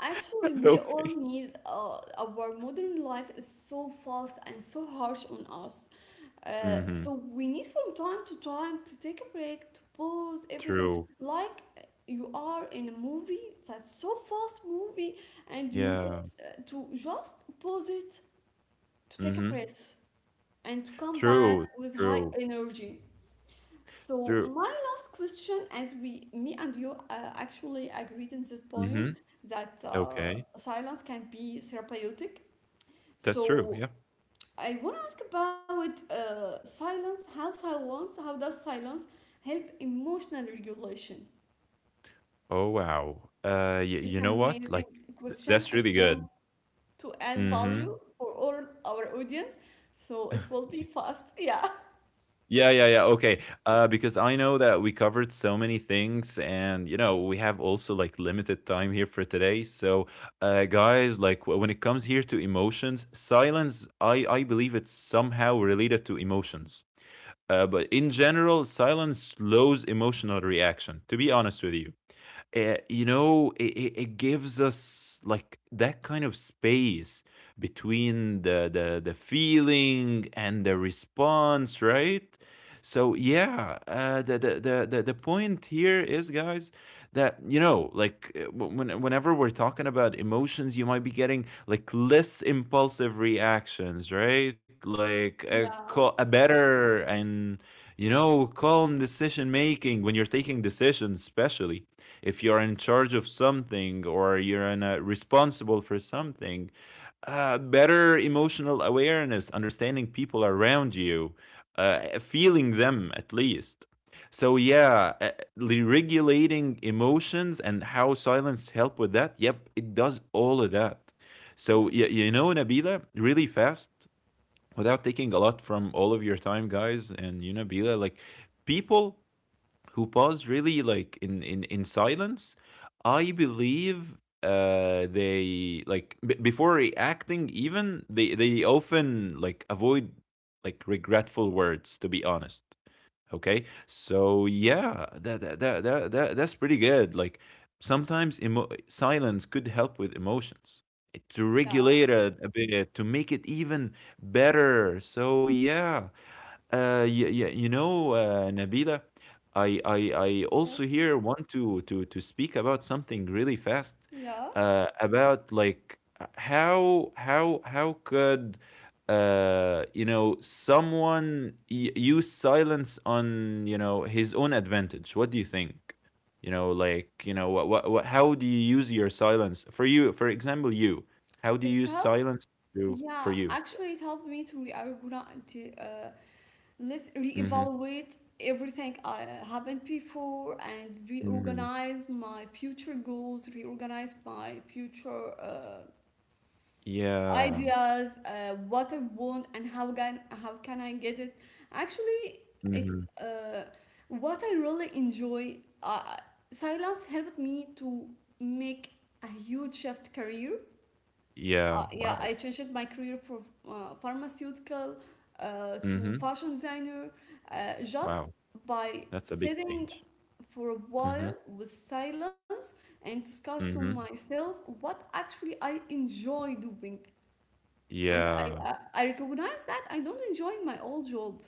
[SPEAKER 1] actually, we all need. Our modern life is so fast and so harsh on us.
[SPEAKER 2] Mm-hmm.
[SPEAKER 1] So we need from time to time to take a break, to pause everything.
[SPEAKER 2] True.
[SPEAKER 1] Like, you are in a movie that's so fast movie, and you need
[SPEAKER 2] Yeah.
[SPEAKER 1] to just pause it, to take a
[SPEAKER 2] Mm-hmm.
[SPEAKER 1] breath and to come back
[SPEAKER 2] True.
[SPEAKER 1] with high
[SPEAKER 2] True.
[SPEAKER 1] energy. So
[SPEAKER 2] True.
[SPEAKER 1] my last question, as we, me and you, actually agreed in this point
[SPEAKER 2] Mm-hmm.
[SPEAKER 1] that
[SPEAKER 2] Okay.
[SPEAKER 1] silence can be therapeutic.
[SPEAKER 2] That's true.
[SPEAKER 1] So
[SPEAKER 2] Yeah.
[SPEAKER 1] I want to ask about silence. How silence? How does silence help emotional regulation?
[SPEAKER 2] Oh, wow. Y
[SPEAKER 1] It's
[SPEAKER 2] you know what?
[SPEAKER 1] amazing
[SPEAKER 2] Like, th
[SPEAKER 1] question.
[SPEAKER 2] that's
[SPEAKER 1] I
[SPEAKER 2] really
[SPEAKER 1] want
[SPEAKER 2] good.
[SPEAKER 1] to add
[SPEAKER 2] Mhm.
[SPEAKER 1] value for all our audience, so it will be fast. Yeah.
[SPEAKER 2] Yeah, yeah, yeah. Okay. Because I know that we covered so many things and, you know, we have also like limited time here for today. So, guys, like when it comes here to emotions, silence, I believe it's somehow related to emotions. But in general, silence slows emotional reaction, to be honest with you. Uh, you know, it gives us like that kind of space between the feeling and the response, right? So yeah, the point here is, guys, that you know like when, whenever we're talking about emotions, you might be getting like less impulsive reactions, right, like
[SPEAKER 1] Yeah.
[SPEAKER 2] a better, and you know, calm decision making when you're taking decisions, especially if you're in charge of something or you're in responsible for something, better emotional awareness, understanding people around you, feeling them at least. So yeah, regulating emotions and how silence help with that, yep, it does all of that. So
[SPEAKER 1] Yes.
[SPEAKER 2] yeah, you know, Nabila, really fast, without taking a lot from all of your time, guys, and you know Nabila, like people who pause really like in silence, I believe uh, they like before reacting even, they often like avoid like regretful words, to be honest. Okay, so yeah, that's pretty good. Like sometimes silence could help with emotions. It to
[SPEAKER 1] Yeah.
[SPEAKER 2] regulate it a bit to make it even better. So yeah, you know, Nabila, I also
[SPEAKER 1] Yes.
[SPEAKER 2] here want to speak about something really fast,
[SPEAKER 1] Yeah.
[SPEAKER 2] about like how how could uh, you know, someone use silence on, you know, his own advantage? What do you think? You know, like you know what, how do you use your silence for you? For example, you, how do you
[SPEAKER 1] It's
[SPEAKER 2] use
[SPEAKER 1] help
[SPEAKER 2] silence to for
[SPEAKER 1] Yeah,
[SPEAKER 2] you? Yeah.
[SPEAKER 1] actually, it helped me to reorganize, to let's
[SPEAKER 2] Mm-hmm.
[SPEAKER 1] reevaluate everything I happened before, and
[SPEAKER 2] Mm-hmm.
[SPEAKER 1] reorganize my future goals, reorganize my future
[SPEAKER 2] Yeah.
[SPEAKER 1] ideas, what I want and how can I get it. Actually,
[SPEAKER 2] Mhm.
[SPEAKER 1] it's what I really enjoy. Uh, Silence helped me to make a huge shift career.
[SPEAKER 2] Yeah,
[SPEAKER 1] Yeah,
[SPEAKER 2] wow.
[SPEAKER 1] I changed my career from pharmaceutical to
[SPEAKER 2] Mhm.
[SPEAKER 1] fashion designer, just
[SPEAKER 2] Wow.
[SPEAKER 1] by
[SPEAKER 2] That's a big
[SPEAKER 1] sitting
[SPEAKER 2] change.
[SPEAKER 1] for a
[SPEAKER 2] Mhm.
[SPEAKER 1] while with silence and discuss to
[SPEAKER 2] Mhm.
[SPEAKER 1] myself what actually I enjoy doing. And I,
[SPEAKER 2] Yeah.
[SPEAKER 1] I, I recognize that I don't enjoy my old job.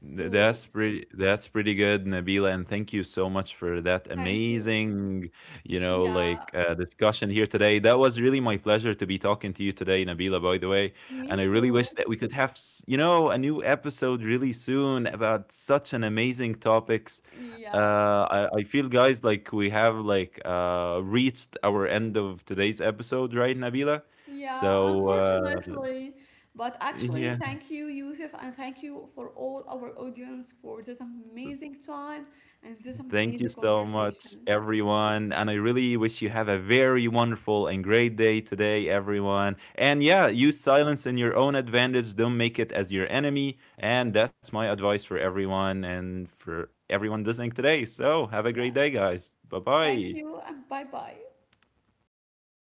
[SPEAKER 2] Th- That's pretty that's pretty good, Nabila, and thank you so much for that
[SPEAKER 1] thank you.
[SPEAKER 2] amazing, you know,
[SPEAKER 1] Yeah,
[SPEAKER 2] like discussion here today. That was really my pleasure to be talking to you today, Nabila, by the way.
[SPEAKER 1] me
[SPEAKER 2] And I really wish
[SPEAKER 1] too.
[SPEAKER 2] that we could have, you know, a new episode really soon about such an amazing topics.
[SPEAKER 1] Yeah.
[SPEAKER 2] Uh, I feel, guys, like we have like reached our end of today's episode, right, Nabila?
[SPEAKER 1] Yeah,
[SPEAKER 2] So
[SPEAKER 1] unfortunately. But actually,
[SPEAKER 2] yeah.
[SPEAKER 1] thank you, Yusuf, and thank you for all our audience for this amazing time and this
[SPEAKER 2] Thank you
[SPEAKER 1] amazing
[SPEAKER 2] so much,
[SPEAKER 1] conversation.
[SPEAKER 2] everyone. And I really wish you have a very wonderful and great day today, everyone. And yeah, use silence in your own advantage. Don't make it as your enemy. And that's my advice for everyone and for everyone listening today. So have a
[SPEAKER 1] Yeah,
[SPEAKER 2] great day, guys.
[SPEAKER 1] thank
[SPEAKER 2] Bye-bye.
[SPEAKER 1] you, and bye bye.
[SPEAKER 2] Bye.